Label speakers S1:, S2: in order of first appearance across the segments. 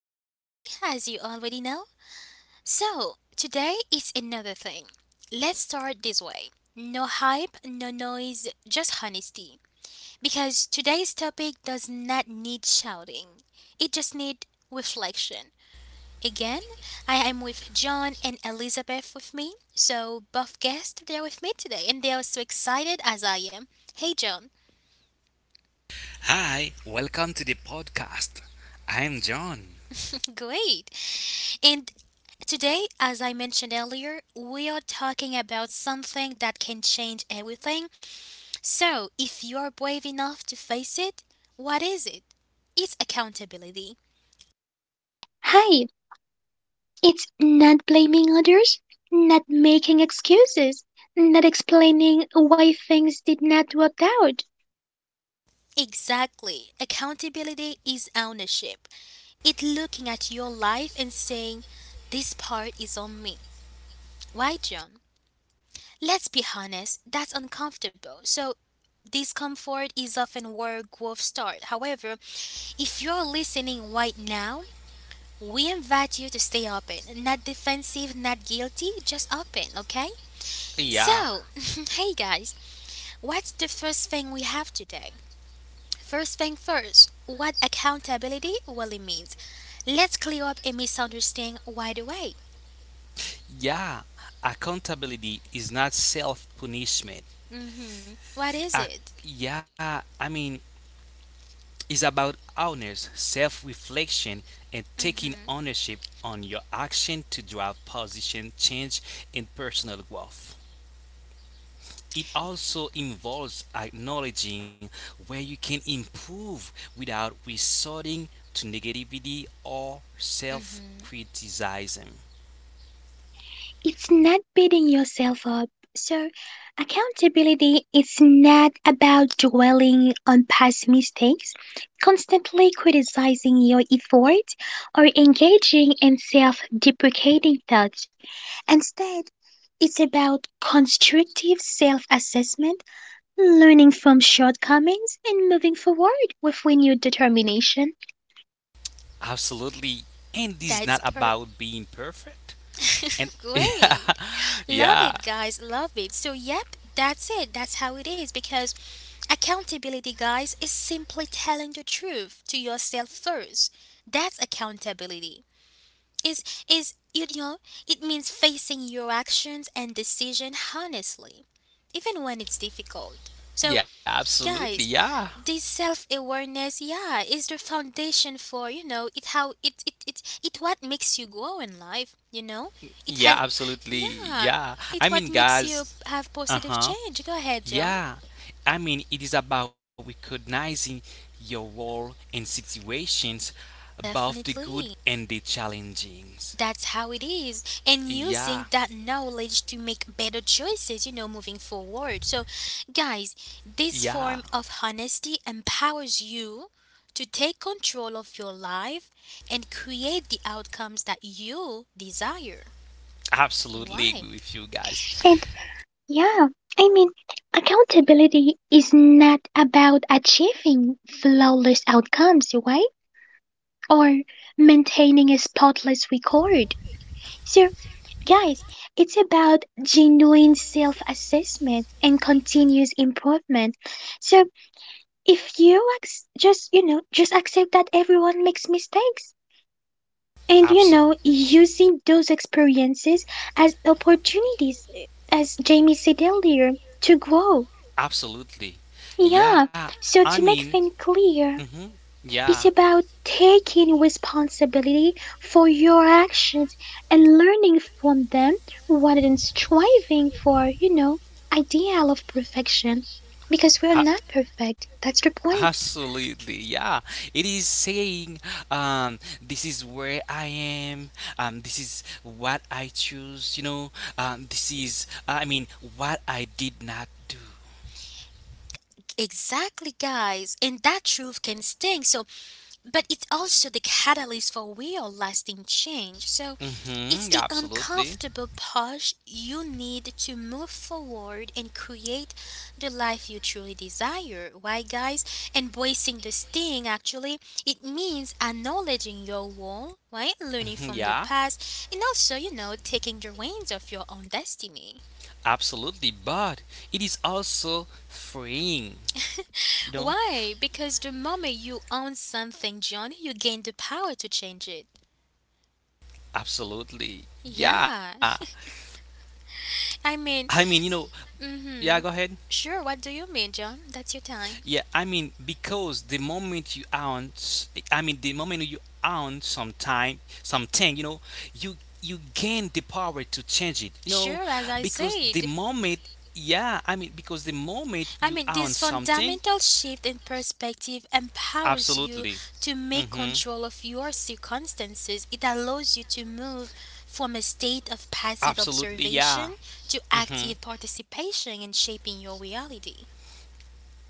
S1: Jamie, as you already know. So, today is another thing. Let's start this way. No hype, no noise, just honesty. Because today's topic does not need shouting. It just needs reflection. Again, I am with John and Elizabeth with me. So, both guests, they're with me today and they are so excited as I am. Hey, John.
S2: Hi, welcome to the podcast. I'm John.
S1: Great. And today, as I mentioned earlier, we are talking about something that can change everything. So, if you are brave enough to face it, what is it? It's accountability.
S3: Hi, it's not blaming others, not making excuses, not explaining why things did not work out.
S1: Exactly. Accountability is ownership. It's looking at your life and saying, this part is on me. Why, John? Let's be honest, that's uncomfortable. So, discomfort is often where growth starts. However, if you're listening right now, we invite you to stay open, not defensive, not guilty, just open, okay?
S2: Yeah,
S1: So, hey guys, what's the first thing we have today? First thing first, what accountability really means. Let's clear up a misunderstanding right away.
S2: yeah. Accountability is not self punishment.
S1: Mm-hmm. What is
S2: Ac-
S1: it?
S2: yeah, I mean, it's about awareness, self reflection, and taking
S1: Mm-hmm.
S2: ownership on your action to drive position change and personal growth. It also involves acknowledging where you can improve without resorting to negativity or self
S1: Mm-hmm.
S2: criticism.
S3: It's not beating yourself up. So, accountability is not about dwelling on past mistakes, constantly criticizing your efforts, or engaging in self deprecating thoughts. Instead, it's about constructive self assessment learning from shortcomings and moving forward with renewed determination.
S2: Absolutely. And this is
S1: That's
S2: not
S1: per
S2: about being perfect. And yeah,
S1: Great. Love
S2: yeah,
S1: it, guys. Love it. So, yep, that's it. That's how it is because accountability, guys, is simply telling the truth to yourself first. That's accountability. Is is you know, it means facing your actions and decision honestly, even when it's difficult. So,
S2: yeah, absolutely.
S1: guys,
S2: Yeah,
S1: this self-awareness, yeah, is the foundation for you know it how it it it, it what makes you grow in life. It
S2: yeah,
S1: has,
S2: absolutely.
S1: yeah,
S2: Yeah. I
S1: it what
S2: mean,
S1: makes you
S2: guys,
S1: have
S2: uh
S1: positive
S2: huh.
S1: change. Go ahead, John.
S2: Yeah, I mean, it is about recognizing your role in situations, both the good
S1: Definitely.
S2: and the challenging.
S1: That's how it is. And
S2: Yeah,
S1: using that knowledge to make better choices, you know, moving forward. So, guys, this form
S2: yeah,
S1: of honesty empowers you to take control of your life and create the outcomes that you desire.
S2: absolutely
S1: Why?
S2: agree with you guys.
S3: And yeah, I mean, Accountability is not about achieving flawless outcomes, right? Or maintaining a spotless record. So, guys, it's about genuine self assessment and continuous improvement. So, if just, just accept that everyone makes mistakes.
S2: Absol-
S3: Using those experiences as opportunities, as Jamie said earlier, to grow.
S2: Absolutely.
S3: Yeah,
S2: Yeah, I
S3: so to
S2: mean,
S3: make things clear,
S2: hmm yeah,
S3: it's about taking responsibility for your actions and learning from them rather than striving for, ideal of perfection. Because we're
S2: A-
S3: not perfect, that's the point.
S2: Absolutely, yeah. It is saying, this is where I am, this is what I choose, you know, this is, I mean, what I did not do.
S1: Exactly, guys. And that truth can sting. So, but it's also the catalyst for real lasting change. So, it's
S2: Mm-hmm,
S1: the
S2: yeah, absolutely.
S1: uncomfortable push you need to move forward and create the life you truly desire. Why, guys? Embracing the sting actually, it means acknowledging your role, right? Learning
S2: Mhm,
S1: from the
S2: yeah,
S1: past, and also, you know, taking the reins of your own destiny.
S2: absolutely. But it is also freeing, you know,
S1: Why? Because the moment you own something, John, you gain the power to change it.
S2: absolutely. Yeah.
S1: Yeah.
S2: I
S1: I
S2: mean, you
S1: mean,
S2: know,
S1: mm
S2: yeah, go
S1: mhm.
S2: ahead.
S1: Sure, what do you mean, John? That's your time.
S2: Yeah, I mean, because the moment you own, I mean, the moment you own some time, something, you know, you you gain the power to change it, you know,
S1: Sure, as I
S2: because the
S1: said.
S2: moment, yeah, I mean, because the moment you
S1: I mean,
S2: own
S1: this
S2: something,
S1: fundamental shift in perspective empowers
S2: absolutely,
S1: you to make
S2: mm-hmm,
S1: control of your circumstances. It allows you to move from a state of passive
S2: absolutely, yeah,
S1: observation to
S2: mm-hmm.
S1: active participation in shaping your reality.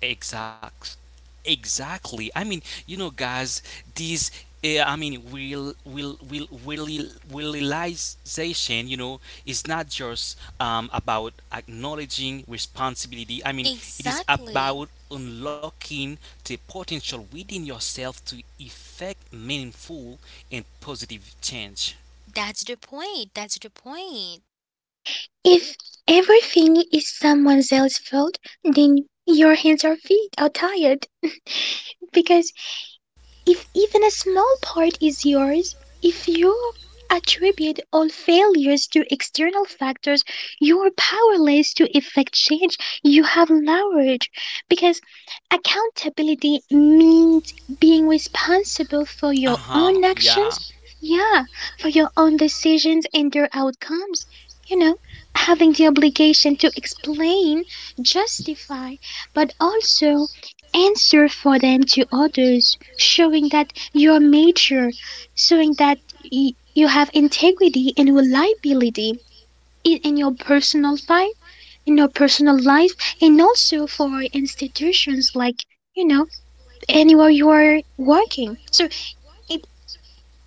S2: Exact. Exactly. I mean, you know, guys, these. I mean, will really realization. You know, is not just about acknowledging responsibility. I mean, it is
S1: Exactly.
S2: about unlocking the potential within yourself to effect meaningful and positive change.
S1: That's the point. That's the point.
S3: If everything is someone else's fault, then your hands or feet are tired. Because if even a small part is yours, if you attribute all failures to external factors, you are powerless to effect change. You have leverage because accountability means being responsible for your
S2: Uh
S3: own
S2: huh. Yeah.
S3: actions, yeah, for your own decisions and their outcomes. You know, Having the obligation to explain, justify, but also answer for them to others, showing that you are mature, showing that you have integrity and reliability in your personal life, in your personal life, and also for institutions like you know anywhere you are working. So it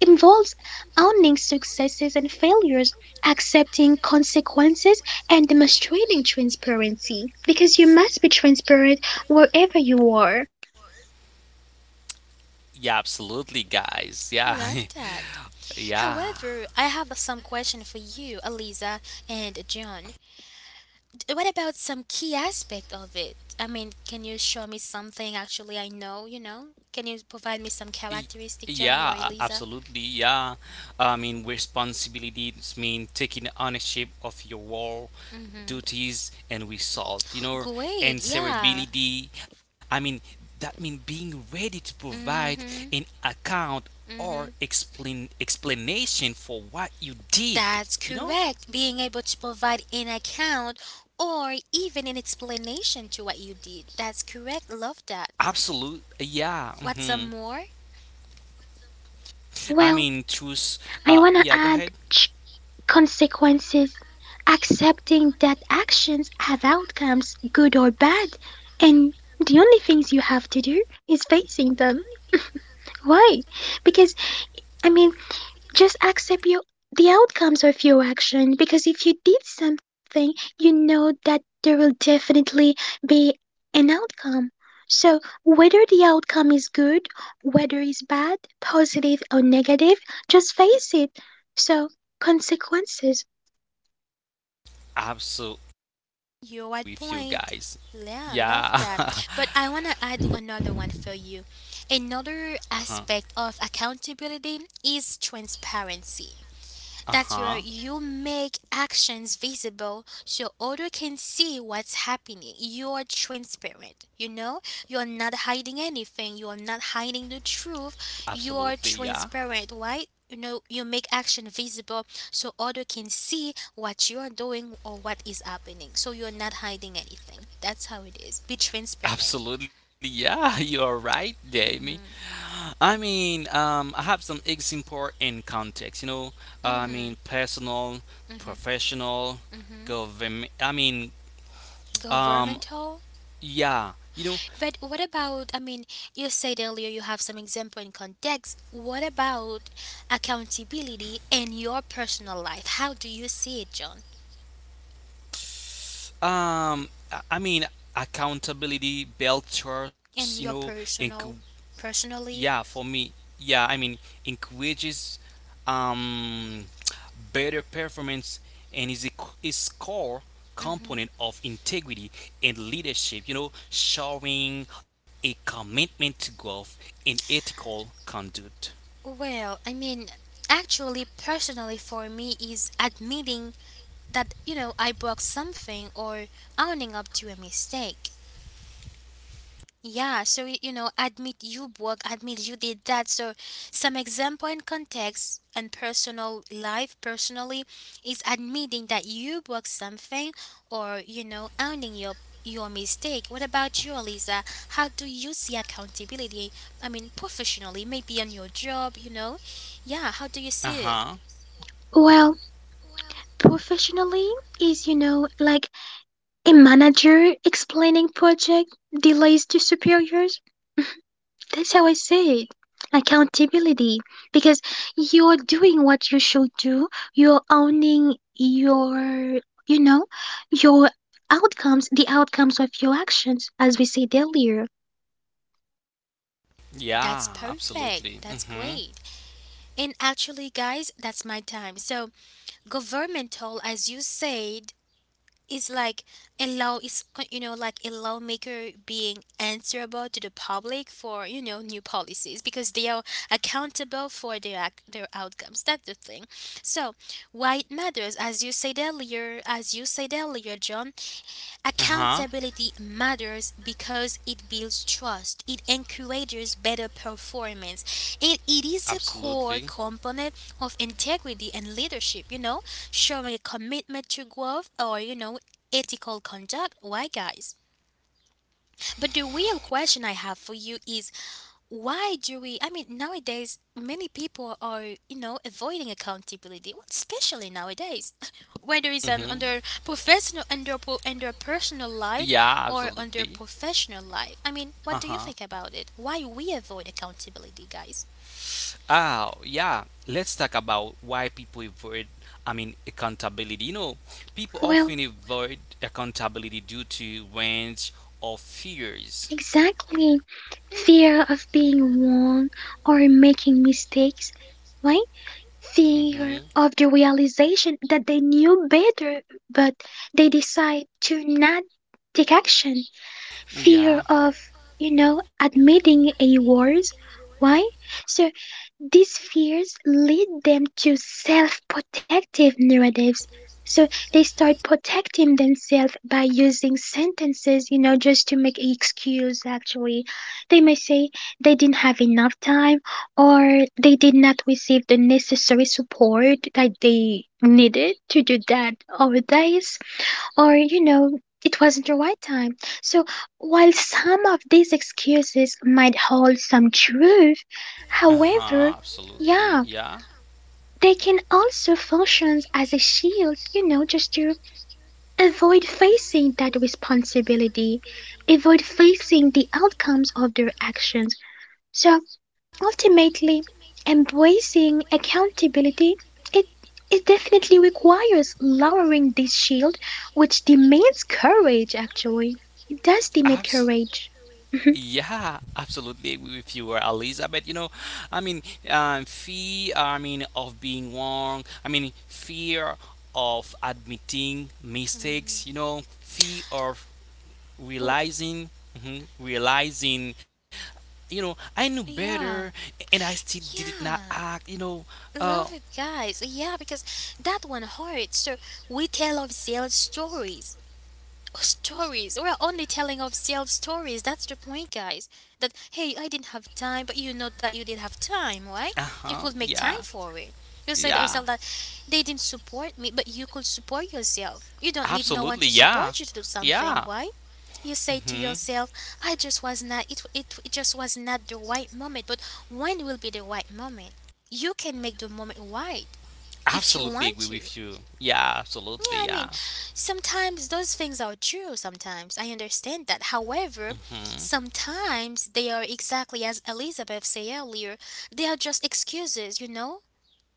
S3: involves owning successes and failures, accepting consequences, and demonstrating transparency because you must be transparent wherever you are.
S2: Yeah, absolutely, guys. Yeah,
S1: Love that.
S2: yeah,
S1: However, I have some question for you, Eliza and John. What about some key aspect of it? I mean, can you show me something actually I know, you know? Can you provide me some
S2: Y-
S1: characteristic, John or
S2: yeah,
S1: Eliza?
S2: absolutely. Yeah, I mean, responsibilities mean taking ownership of your role,
S1: Mm-hmm.
S2: duties, and result. You know,
S1: Great, yeah.
S2: answerability. I mean, that means being ready to provide
S1: Mm-hmm.
S2: an account
S1: Mm-hmm.
S2: or explain explanation for what you
S1: That's
S2: did. You
S1: correct.
S2: know,
S1: Being able to provide an account or even an explanation to what you did. That's correct. Love that.
S2: absolute. Yeah.
S1: What's some
S2: Mhm.
S1: more?
S2: I
S3: Well,
S2: mean, choose.
S3: I want to
S2: Yeah, go
S3: add
S2: ahead.
S3: ch- consequences, accepting that actions have outcomes, good or bad, and the only things you have to do is facing them. Why? Because, I mean, just accept your the outcomes of your action because if you did something, you know that there will definitely be an outcome. So whether the outcome is good, whether it's bad, positive or negative, just face it. So, consequences.
S2: Absolutely
S1: You're at
S2: with you
S1: point.
S2: guys.
S1: Yeah,
S2: Yeah.
S1: love
S2: Uh-huh.
S1: that. But I want to add another one for you. Another aspect of accountability is transparency. That's where
S2: Uh-huh.
S1: you make actions visible so other can see what's happening. You're transparent, you know? You're not hiding anything. You're not hiding the truth. You're
S2: Absolutely, yeah.
S1: transparent, right? You know, you make action visible so other can see what you are doing or what is happening. So you're not hiding anything. That's how it is. Be transparent.
S2: Absolutely, yeah. You're right, Jamie.
S1: Mhm.
S2: I mean, I have some example in context. You know, I mean,
S1: Mhm.
S2: personal, professional,
S1: Mhm.
S2: government. I mean, um,
S1: Governmental.
S2: yeah. You know,
S1: But what about, I mean, you said earlier you have some example in context. What about accountability in your personal life? How do you see it, John?
S2: I mean, accountability, belt trust. You
S1: In
S2: know,
S1: your
S2: and
S1: personal,
S2: yeah,
S1: personally?
S2: for me, yeah, I mean, encourages um, better performance and is core
S1: Hmm.
S2: component of integrity and leadership. You know, showing a commitment to growth and ethical conduct.
S1: Well, I mean, actually, personally for me is admitting that, you know, I broke something or owning up to a mistake. Yeah, so you know, admit you work, admit you did that. So, some example and context and personal life personally is admitting that you work something or you know owning your mistake. What about you, Lisa? How do you see accountability? I mean, professionally, maybe on your job, you know? Yeah, how
S2: Uh
S1: do you see
S2: huh.
S1: it?
S3: Well, professionally is like a manager explaining project delays to superiors. That's how I say it. Accountability. Because you're doing what you should do. You're owning your, you know, your outcomes, the outcomes of your actions, as we said earlier.
S2: Yeah,
S1: That's
S2: absolutely.
S1: perfect. That's
S2: Mm-hmm.
S1: great. And actually, guys, that's my time. So, governmental, as you said, is like a law is you know like a lawmaker being answerable to the public for you know new policies because they are accountable for their their outcomes. That's the thing. So why it matters, as you said earlier, as you said earlier, John,
S2: Uh-huh.
S1: accountability matters because it builds trust, it encourages better performance, and it is a
S2: Absolutely.
S1: core component of integrity and leadership, you know, showing a commitment to growth or, you know, ethical conduct. Why, guys? But the real question I have for you is why do we, I mean, nowadays, many people are, you know, avoiding accountability, especially nowadays, whether it's an
S2: Mm-hmm.
S1: under professional, under personal life
S2: Yeah,
S1: or under
S2: absolutely.
S1: professional life. I mean, what do you
S2: Uh-huh.
S1: think about it? Why we avoid accountability, guys?
S2: Oh, yeah. Let's talk about why people avoid, I mean, accountability. You know, people often
S3: Well,
S2: avoid accountability due to range of fears.
S3: exactly. Fear of being wrong or making mistakes, right? Fear
S2: Mm-hmm.
S3: of the realization that they knew better, but they decide to not take action.
S2: Yeah.
S3: Fear of, admitting a worse why. So these fears lead them to self-protective narratives. So they start protecting themselves by using sentences, just to make excuse actually. They may say they didn't have enough time, or they did not receive the necessary support that they needed to do that or that is, or, it wasn't your right time. So, while some of these excuses might hold some truth,
S2: Uh-huh,
S3: however,
S2: absolutely.
S3: yeah,
S2: Yeah.
S3: they can also function as a shield, just to avoid facing that responsibility, avoid facing the outcomes of their actions. So, ultimately, embracing accountability it, it definitely requires lowering this shield, which demands courage actually. It does demand
S2: Absolutely.
S3: courage. Mhm.
S2: Yeah, absolutely agree with you, Elizabeth. You know, I mean, fear. I mean, of being wrong. I mean, fear of admitting mistakes. You know, fear of
S1: Oh,
S2: realizing, mhm, realizing. You know, I knew better,
S1: yeah,
S2: and I still did not
S1: yeah.
S2: act. You know, uh,
S1: Love it, guys. Yeah, because that one hurts. So we tell ourselves stories. We are only telling ourselves stories. That's the point, guys. That, hey, I didn't have time, but you know that you did have time, right? You
S2: Uh-huh.
S1: could make
S2: Yeah.
S1: time for it. You say to yourself
S2: Yeah.
S1: that they didn't support me, but you could support yourself. You don't need no one to
S2: Absolutely. Yeah.
S1: support you to do something,
S2: Yeah.
S1: right? You say to
S2: Hmm.
S1: yourself, I just was not, it just was not the right moment. But when will be the right moment? You can make the moment right if you
S2: Absolutely
S1: want
S2: agree
S1: to.
S2: with you. Yeah, absolutely.
S1: Yeah, I mean,
S2: Yeah.
S1: sometimes those things are true, sometimes. I understand that. However,
S2: Mhm.
S1: sometimes they are exactly as Elizabeth said earlier, they are just excuses, you know?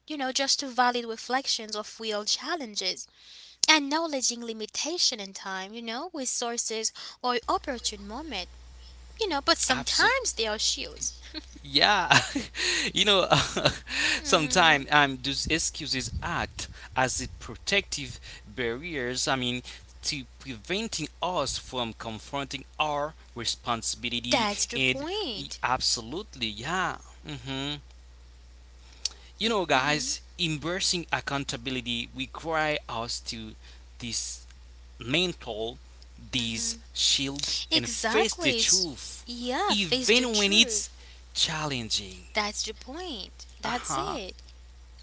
S1: You know, just to valid reflections of real challenges. Acknowledging limitation in time, you know, resources or opportune moment. You know, but
S2: Absolutely.
S1: sometimes they are shields.
S2: Yeah, you know,
S1: Mm,
S2: sometimes those excuses act as a protective barriers. I mean, to preventing us from confronting our responsibility
S1: that's the
S2: and
S1: point.
S2: absolutely, yeah. Hmm. You know,
S1: Mm-hmm.
S2: guys, embracing accountability require us to this Maintain
S1: Mm-hmm.
S2: this shield and face the
S1: Exactly.
S2: truth,
S1: Yeah, face the
S2: even when it's
S1: truth.
S2: challenging.
S1: That's the point.
S2: Uh
S1: That's
S2: huh.
S1: it.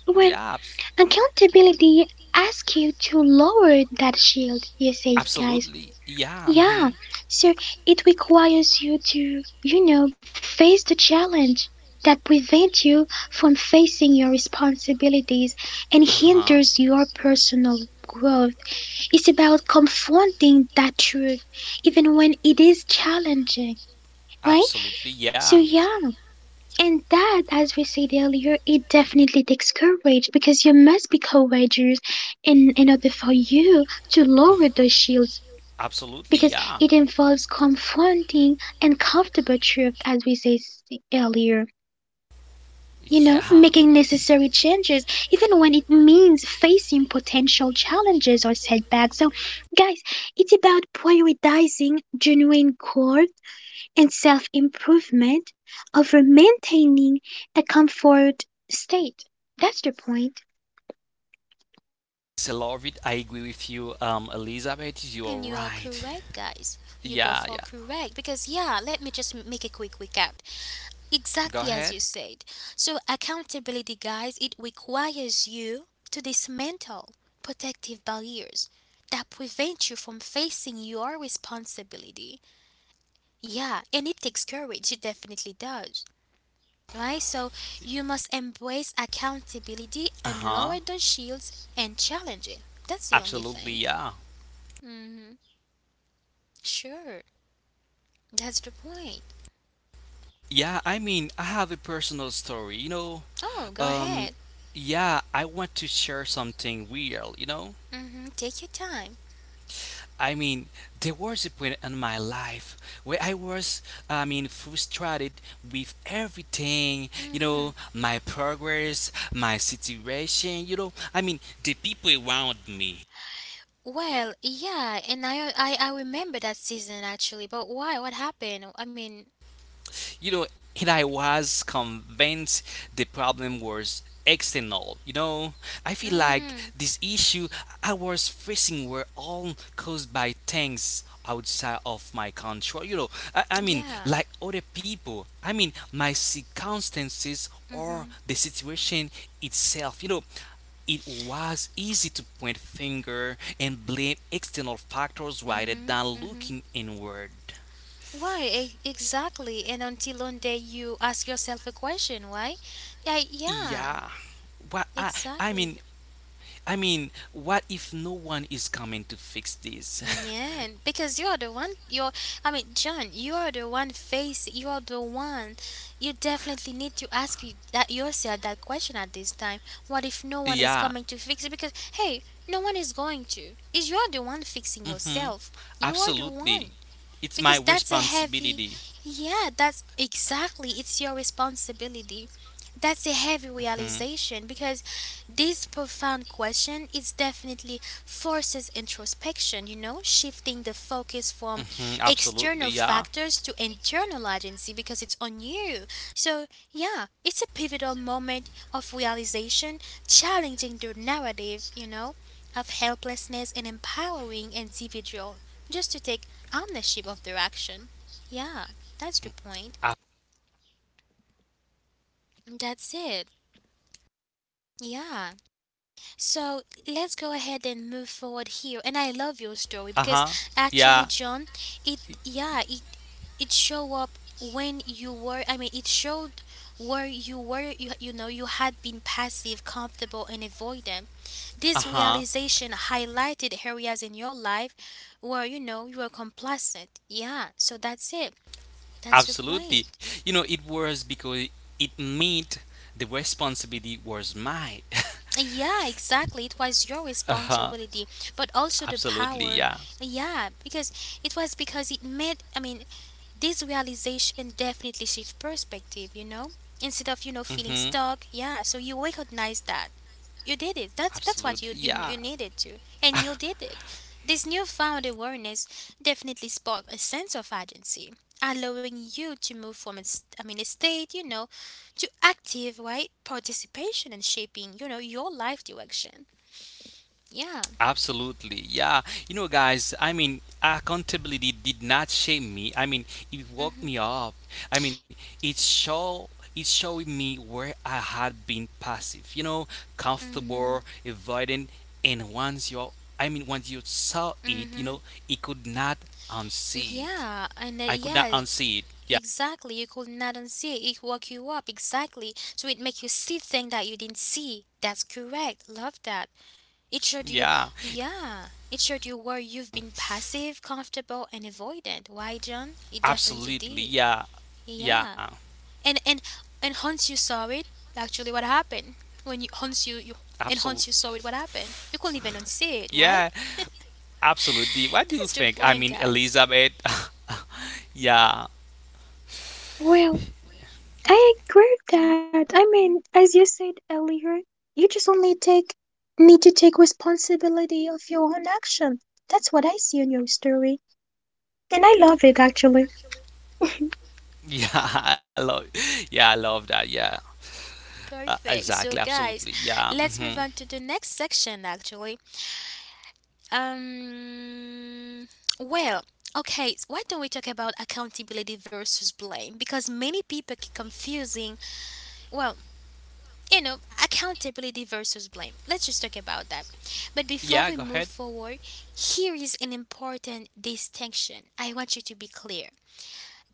S3: Well,
S2: Yeah,
S3: accountability asks you to lower that shield, you say, guys.
S2: absolutely. Yeah.
S3: Yeah,
S2: Mm-hmm.
S3: so it requires you to, face the challenge that prevents you from facing your responsibilities and
S2: Uh huh.
S3: hinders your personal growth. It's about confronting that truth, even when it is challenging, right?
S2: Absolutely,
S3: So,
S2: yeah.
S3: yeah, and that, as we said earlier, it definitely takes courage because you must be courageous in order for you to lower the shields
S2: Absolutely,
S3: because
S2: yeah.
S3: it involves confronting uncomfortable truth, as we said earlier.
S2: Yeah.
S3: Making necessary changes, even when it means facing potential challenges or setbacks. So, guys, it's about prioritizing genuine growth and self improvement over maintaining a comfort state. That's the point.
S2: So, love it. I agree with you, Elizabeth. You are
S1: And you are
S2: right.
S1: correct, guys. You
S2: Yeah,
S1: both are
S2: yeah.
S1: correct. Because, yeah, let me just make a quick recap.
S2: Go
S1: Exactly
S2: ahead.
S1: as you said. So, accountability, guys, it requires you to dismantle protective barriers that prevent you from facing your responsibility. Yeah, and it takes courage. It definitely does. Right? So, you must embrace accountability
S2: Uh
S1: and
S2: huh.
S1: lower those shields and challenge it. That's the only
S2: Absolutely,
S1: thing.
S2: yeah.
S1: Mm-hmm. Sure, that's the point.
S2: Yeah, I mean, I have a personal story, you know.
S1: Oh, go ahead.
S2: Um, yeah, I want to share something real, you know.
S1: Mm-hmm. Take your time.
S2: I mean, there was a point in my life where I was, I mean, frustrated with everything, you
S1: Mm-hmm.
S2: know, my progress, my situation, you know. I mean, the people around me.
S1: Well, yeah, and I remember that season actually, but why? What happened? I mean,
S2: You know, and I was convinced the problem was external. You know, I feel like
S1: mm-hmm.
S2: this issue I was facing were all caused by things outside of my control. You know, I mean,
S1: Yeah.
S2: like other people, I mean, my circumstances or
S1: Mm-hmm.
S2: the situation itself. You know, it was easy to point finger and blame external factors rather
S1: Mm-hmm.
S2: than
S1: Mm-hmm.
S2: looking inward.
S1: Why exactly? And until one day you ask yourself a question, why? Yeah, yeah,
S2: Yeah. What I
S1: exactly.
S2: mean I mean what if no one is coming to fix this?
S1: Yeah, and because you are the one, I mean, John, you are the one face, you are the one. You definitely need to ask you that yourself that question at this time. What if no one is
S2: Yeah.
S1: coming to fix it? Because, hey, no one is going to. Is you are the one fixing
S2: Mhm.
S1: yourself. You are the
S2: Absolutely.
S1: one
S2: It's my
S1: because that's a heavy,
S2: responsibility.
S1: yeah, that's exactly it's your responsibility. That's a heavy realization because this profound question is definitely forces introspection, you know, shifting the focus from
S2: Mhm. Absolutely.
S1: external
S2: Yeah.
S1: factors to internal agency because it's on you. So yeah, it's a pivotal moment of realization, challenging the narrative, you know, of helplessness and empowering individual just to take ownership of their action. Yeah, that's the point.
S2: Uh
S1: That's it. Yeah. So let's go ahead and move forward here. And I love your story because
S2: huh.
S1: actually,
S2: Yeah.
S1: John, it yeah, it show up when you were. I mean, it showed where you were. You know you had been passive, comfortable, and avoidant.
S2: Uh
S1: This
S2: huh.
S1: realization highlighted areas in your life where you know you were complacent. Yeah. So that's it. That's your point.
S2: Absolutely. You know, it was because it meant the responsibility was mine.
S1: Yeah, exactly. It was your
S2: Uh-huh.
S1: responsibility, but also the
S2: Absolutely,
S1: power.
S2: yeah.
S1: Yeah, because it was because it made, I mean, this realization definitely shifts perspective, you know? Instead of, you know, feeling
S2: Mm-hmm.
S1: stuck, yeah, so you recognize that. You did it. That's that's what you,
S2: Absolutely,
S1: you
S2: yeah.
S1: you needed to, and you did it. This newfound awareness definitely sparked a sense of agency, allowing you to move from I mean a state, you know, to active right participation and shaping, you know, your life direction. Yeah.
S2: Absolutely. Yeah. You know, guys, I mean, accountability did not shame me. I mean, it woke
S1: Mhm.
S2: me up. I mean, it show it showed me where I had been passive, you know, comfortable,
S1: Mhm.
S2: avoiding, and once you I mean, once you saw it, you know,
S1: Mhm.
S2: it could not unsee it.
S1: Yeah, and
S2: I could not
S1: yeah,
S2: unsee it. Yeah.
S1: exactly, you could not unsee it. It woke you up exactly, so it make you see things that you didn't see. That's correct. Love that. It showed you,
S2: Yeah.
S1: yeah. It showed you where you've been passive, comfortable, and avoidant. Why, John? It definitely
S2: Absolutely.
S1: did.
S2: Yeah.
S1: Yeah.
S2: Yeah.
S1: And and and once you saw it, actually, what happened? When you once you you And once
S2: Absolutely.
S1: you saw it, what happened? You couldn't even unsee it. Why?
S2: Yeah. Absolutely. What do you
S1: That's the
S2: think? I
S1: point,
S2: mean,
S1: guys.
S2: Elizabeth. Yeah.
S3: Well, I agree with that. I mean, as you said earlier, you just only take need to take responsibility of your own action. That's what I see in your story. And I love it actually.
S2: Yeah, I love. Yeah, I love that. Yeah.
S1: Perfect. So,
S2: Exactly.
S1: guys,
S2: Absolutely. Yeah.
S1: let's move
S2: Hmm.
S1: on to the next section. Actually, Um, well, okay, why don't we talk about accountability versus blame? Because many people keep confusing, well, you know, accountability versus blame. Let's just talk about that. But before we
S2: Yeah. Go
S1: move
S2: ahead.
S1: forward, here is an important distinction. I want you to be clear.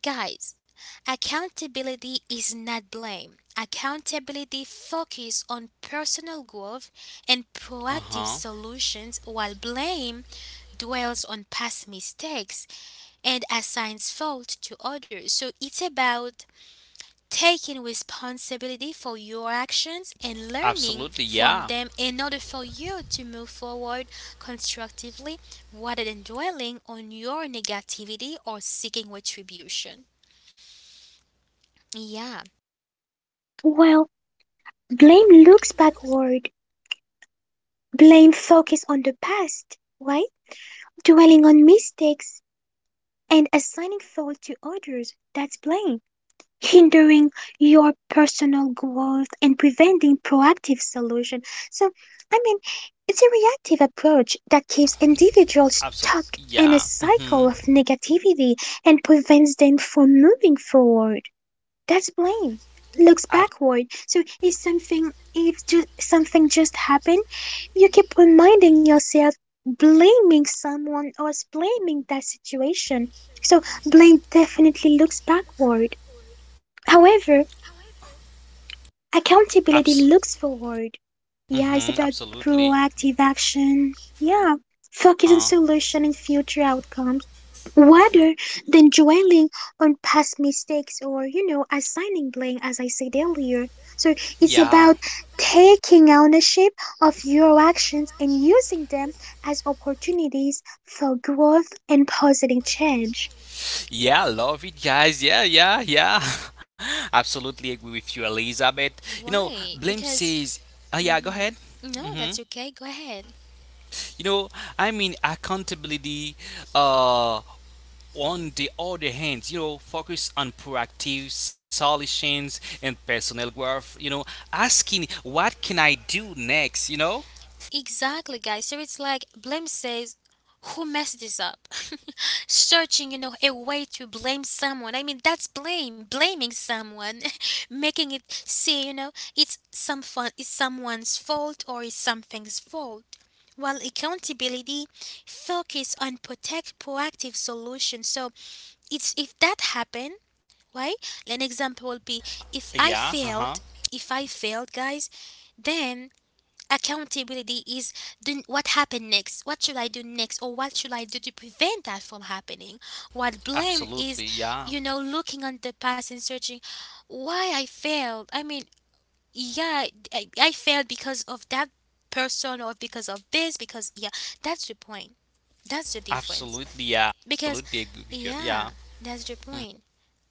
S1: Guys, accountability is not blame. Accountability focuses on personal growth and
S2: Uh
S1: proactive
S2: huh.
S1: solutions, while blame dwells on past mistakes and assigns fault to others. So it's about taking responsibility for your actions and learning
S2: Absolutely.
S1: from
S2: Yeah.
S1: them in order for you to move forward constructively rather than dwelling on your negativity or seeking retribution. Yeah.
S3: Well, blame looks backward. Blame focus on the past, right? Dwelling on mistakes and assigning fault to others. That's blame. Hindering your personal growth and preventing proactive solution. So, I mean, it's a reactive approach that keeps individuals
S2: Absolutely.
S3: stuck in
S2: Yeah.
S3: a
S2: Hmm.
S3: cycle of negativity and prevents them from moving forward. That's blame.
S2: Ab-
S3: Looks backward. So if something if just something just happened, you keep reminding yourself blaming someone or blaming that situation. So blame definitely looks backward. However,
S2: abs-
S3: accountability looks forward. Yeah, it's about
S2: Absolutely.
S3: proactive action. Yeah, focus on
S2: Uh,
S3: solution and future outcomes rather than dwelling on past mistakes or, assigning blame, as I said earlier. So it's
S2: yeah.
S3: about taking ownership of your actions and using them as opportunities for growth and positive change.
S2: Yeah, love it, guys. Yeah, yeah, yeah. Absolutely agree with you, Elizabeth. You know,
S1: Why?
S2: Blim
S1: Because.
S2: says, yeah, go ahead.
S1: No,
S2: Hmm.
S1: that's okay. Go ahead.
S2: You know, I mean, accountability, uh, on the other hand, you know, focus on proactive solutions and personal growth, you know, asking, what can I do next, you know?
S1: Exactly, guys. So it's like blame says, who messed this up? Searching, you know, a way to blame someone. I mean, that's blame. Blaming someone, making it see, you know, it's some fun, it's someone's fault or it's something's fault. While accountability focus on protect proactive solutions. So it's if that happened, right, an example will be if
S2: Yeah,
S1: I
S2: uh huh.
S1: failed, if I failed, guys, then accountability is then what happened next, what should I do next, or what should I do to prevent that from happening? What blame
S2: Absolutely,
S1: is,
S2: yeah.
S1: you know, looking on the past and searching why I failed. I mean, yeah, I failed because of that person or because of this, because yeah, that's the point, that's the difference
S2: Absolutely, yeah.
S1: because
S2: Absolutely agree with you. Yeah,
S1: yeah, that's the point.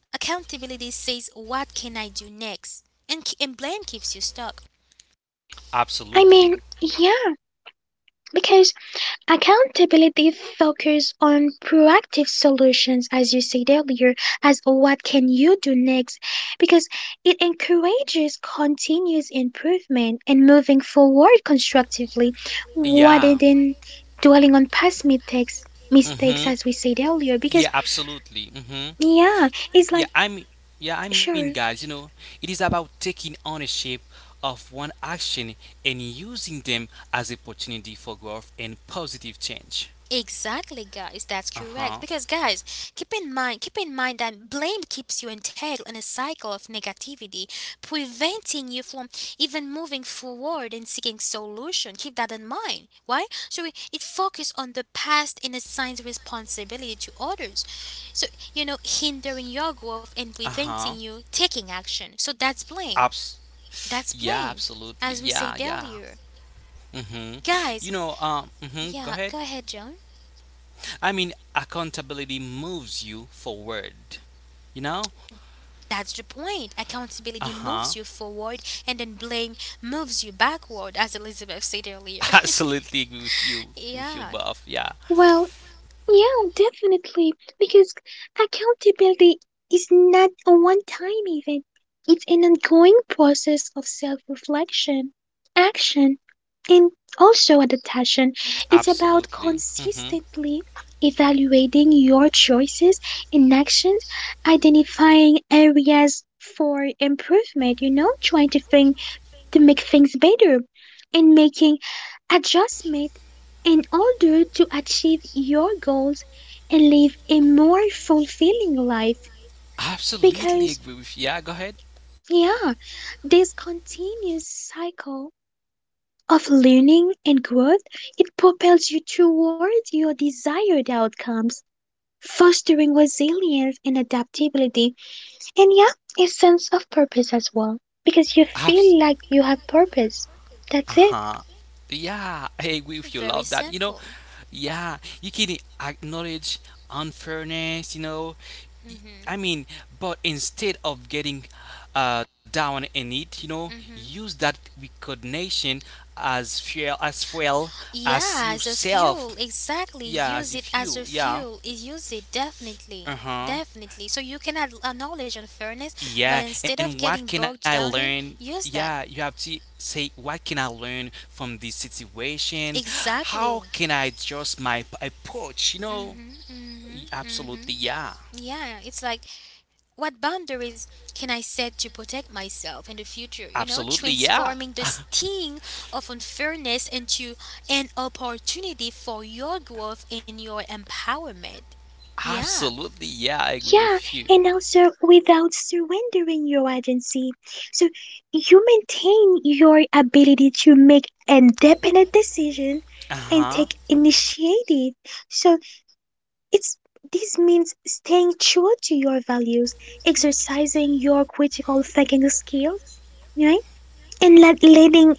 S1: Accountability says, what can I do next? And and blame keeps you stuck.
S3: I
S2: absolutely.
S3: mean, yeah, because accountability focuses on proactive solutions, as you said earlier, as what can you do next, because it encourages continuous improvement and moving forward constructively,
S2: Yeah.
S3: rather than dwelling on past mistakes.
S2: Mm-hmm.
S3: Mistakes, as we said earlier,
S2: Yeah,
S3: because
S2: absolutely. Mm-hmm.
S3: yeah, it's
S2: Yeah,
S3: like
S2: I mean, yeah, I mean,
S3: sure,
S2: guys, you know, it is about taking ownership of one action and using them as opportunity for growth and positive change.
S1: Exactly, guys, that's correct.
S2: Uh-huh.
S1: Because, guys, keep in mind that blame keeps you entangled in a cycle of negativity, preventing you from even moving forward and seeking solution. Keep that in mind. Why? So it focuses on the past and assigns responsibility to others. So you know, hindering your growth and preventing
S2: Uh-huh.
S1: you taking action. So that's
S2: Abs.
S1: blame.
S2: Yeah,
S1: That's blame,
S2: absolutely.
S1: as
S2: Yeah,
S1: we said
S2: yeah.
S1: earlier.
S2: Hmm. You know,
S1: Guys,
S2: go ahead.
S1: yeah, go ahead, John.
S2: I mean, accountability moves you forward, you know?
S1: That's the point.
S2: Uh
S1: Accountability
S2: huh.
S1: moves you forward, and then blame moves you backward, as Elizabeth said earlier.
S2: Absolutely agree with you, with you,
S1: Yeah,
S2: buff. Yeah,
S3: well, yeah, definitely. Because accountability is not a one time event, it's an ongoing process of self reflection, action, and also adaptation. It's about
S2: absolutely. Hmm.
S3: consistently evaluating your choices and actions, identifying areas for improvement, trying to think to make things better and making adjustment in order to achieve your goals and live a more fulfilling life, because
S2: Absolutely agree with. Yeah, go ahead.
S3: yeah, this continuous cycle of learning and growth, it propels you towards your desired outcomes, fostering resilience and adaptability, and yeah, a sense of purpose as well, because you
S2: Abs-
S3: feel like you have purpose. That's it.
S2: uh-huh. Yeah, I agree with you.
S1: very
S2: Love that. You know,
S1: simple.
S2: yeah, you can acknowledge unfairness, you know. Y-
S1: hmm
S2: I mean, but instead of getting down in it, you know,
S1: hmm
S2: use that recognition as fuel, as well as
S1: Yeah, as a fuel,
S2: yourself.
S1: exactly.
S2: Yeah,
S1: Use
S2: as
S1: it
S2: if
S1: as a
S2: you fuel.
S1: fuel.
S2: Yeah.
S1: Use it definitely.
S2: Uh huh.
S1: Definitely. So you can acknowledge unfairness, but
S2: Yeah,
S1: instead of
S2: and
S1: getting
S2: what can
S1: bogged
S2: I
S1: down in,
S2: learn?
S1: use that.
S2: Yeah, you have to say, what can I learn from this situation?
S1: Exactly.
S2: How can I adjust my approach? You know,
S1: Mhm, mhm, mhm.
S2: Absolutely, yeah.
S1: Yeah, it's like what boundaries can I set to protect myself in the future? You know,
S2: Absolutely, yeah.
S1: transforming the sting of unfairness into an opportunity for your growth and your empowerment. Yeah,
S2: Absolutely, yeah, I agree
S3: Yeah,
S2: with you.
S3: and also without surrendering your agency. So you maintain your ability to make independent decision
S2: Uh
S3: and take
S2: huh.
S3: initiative. So it's this means staying true to your values, exercising your critical thinking skills, right? And letting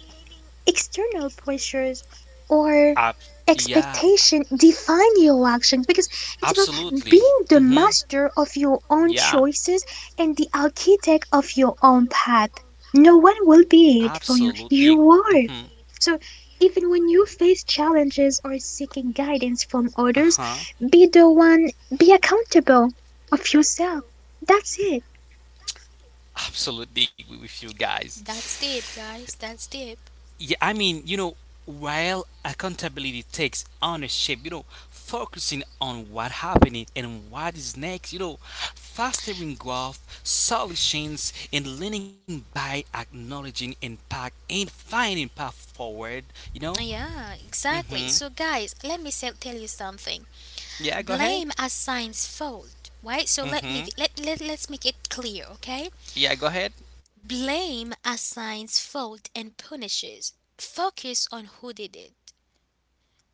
S3: external pressures or
S2: Ab- yeah,
S3: expectation define your actions because it's about
S2: absolutely.
S3: being the
S2: Hmm.
S3: master of your own
S2: Yeah,
S3: choices and the architect of your own path. No one will be it for you.
S2: absolutely.
S3: You
S2: Hmm.
S3: are. So even when you face challenges or seeking guidance from
S2: Uh
S3: others,
S2: huh.
S3: be the one, be accountable of yourself. That's it.
S2: Absolutely agree with you
S1: that's deep,
S2: guys.
S1: guys. That's deep.
S2: Yeah, I mean, you know, while accountability takes ownership, you know, focusing on what happening and what is next, you know, fostering growth, solutions, and learning by acknowledging impact and finding path forward, you know?
S1: Yeah, exactly.
S2: Mm-hmm.
S1: So, guys, let me tell you something.
S2: Yeah, go ahead.
S1: Blame assigns fault, right? So let me
S2: Mm-hmm.
S1: let let let's make it clear, okay?
S2: Yeah, go ahead.
S1: Blame assigns fault and punishes. Focus on who did it.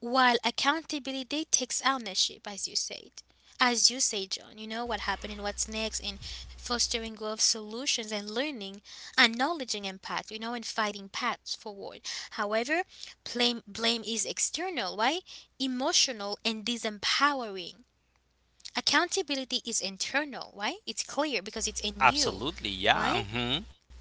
S1: While accountability takes ownership, as you said. As you say, John, you know what happened and what's next in fostering growth solutions and learning, acknowledging impact, you know, and fighting paths forward. However, blame is external, right? Emotional and disempowering. Accountability is internal, right? It's clear because it's in you,
S2: Absolutely,
S1: right?
S2: yeah. Mm-hmm.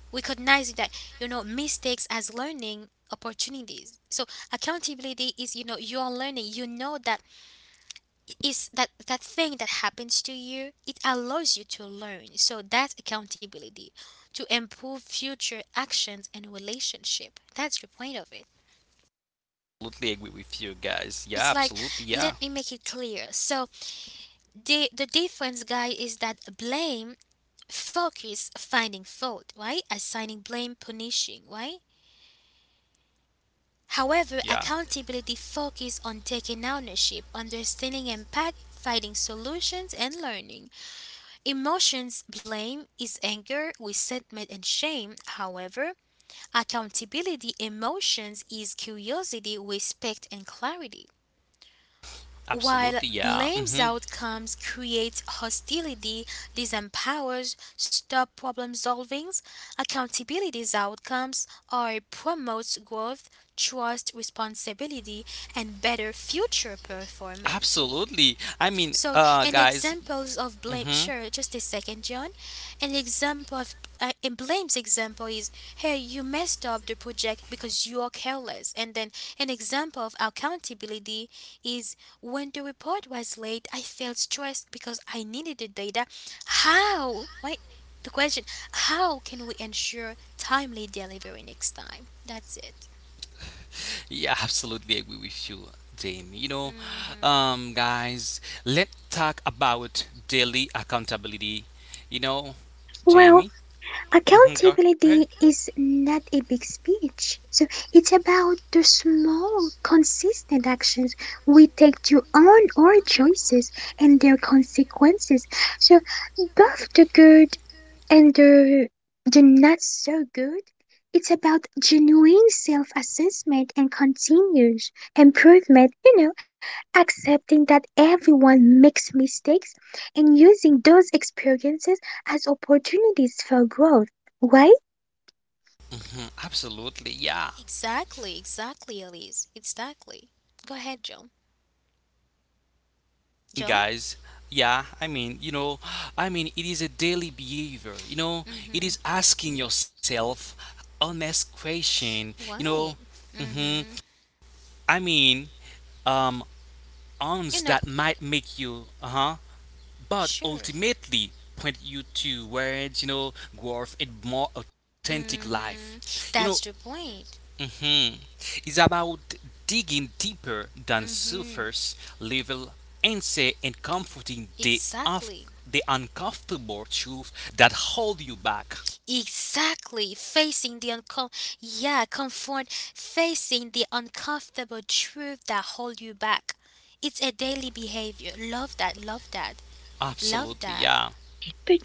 S1: Recognizing, that you know, mistakes as learning opportunities. So accountability is, you know, you are learning, you know, that is that that thing that happens to you, it allows you to learn. So that's accountability, to improve future actions and relationship. That's the point of it.
S2: Absolutely agree with you guys. Yeah,
S1: It's like,
S2: absolutely, yeah.
S1: let me make it clear. So the difference, guy, is that blame focus finding fault, right? Assigning blame, punishing, right? However,
S2: Yeah.
S1: accountability focuses on taking ownership, understanding impact, finding solutions, and learning. Emotions blame is anger, resentment, and shame. However, accountability emotions is curiosity, respect, and clarity. While
S2: Absolutely, yeah.
S1: blames
S2: Hmm.
S1: outcomes, creates hostility, disempowers, stop problem solvings, accountability's outcomes are promotes growth, trust, responsibility, and better future performance.
S2: Absolutely. I mean,
S1: So, an
S2: guys.
S1: examples of blame.
S2: Hmm.
S1: Sure, just a second, John. An example of a blame's example is, hey, you messed up the project because you are careless. And then an example of accountability is when the report was late, I felt stressed because I needed the data. How? Right? The question: how can we ensure timely delivery next time? That's it.
S2: Yeah, absolutely agree with you, Jamie. You know, guys, let's talk about daily accountability. You know, Jamie.
S3: Well,
S2: Hmm. Go ahead.
S3: accountability is not a big speech. So it's about the small, consistent actions we take to own our choices and their consequences. So both the good and they're not so good. It's about genuine self assessment and continuous improvement, accepting that everyone makes mistakes and using those experiences as opportunities for growth, right?
S2: Mhm. Absolutely, yeah.
S1: Exactly. Exactly, Elise. Exactly. Go ahead, John. John.
S2: Guys, yeah, I mean, you know, I mean, it is a daily behavior, you know, it is asking yourself honest question, you know,
S1: Why?
S2: hmm
S1: Mm-hmm.
S2: I mean, um, ons
S1: You know,
S2: that might make you uh-huh, but
S1: sure.
S2: ultimately point you to towards, you know, growth and more authentic life,
S1: Mm-hmm.
S2: you know.
S1: That's the point.
S2: hmm it's about digging deeper than
S1: Mm-hmm.
S2: surface level insight and comforting the off
S1: Exactly.
S2: the uncomfortable truth that hold you back.
S1: Exactly. Facing the uncom yeah, comfort facing the uncomfortable truth that hold you back. It's a daily behavior. Love that, love that. Love
S2: Absolutely,
S1: that.
S2: yeah.
S3: But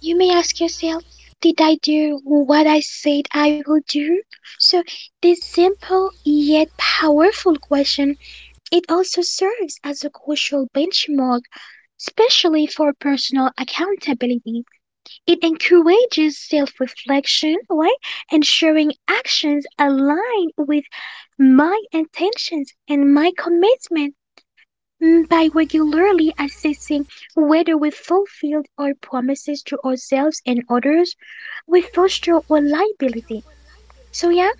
S3: you may ask yourself, did I do what I said I would do? So, this simple yet powerful question, it also serves as a crucial benchmark especially for personal accountability. It encourages self reflection, right? Ensuring actions align with my intentions and my commitment. By regularly assessing whether we fulfilled our promises to ourselves and others, we foster reliability. So, yeah,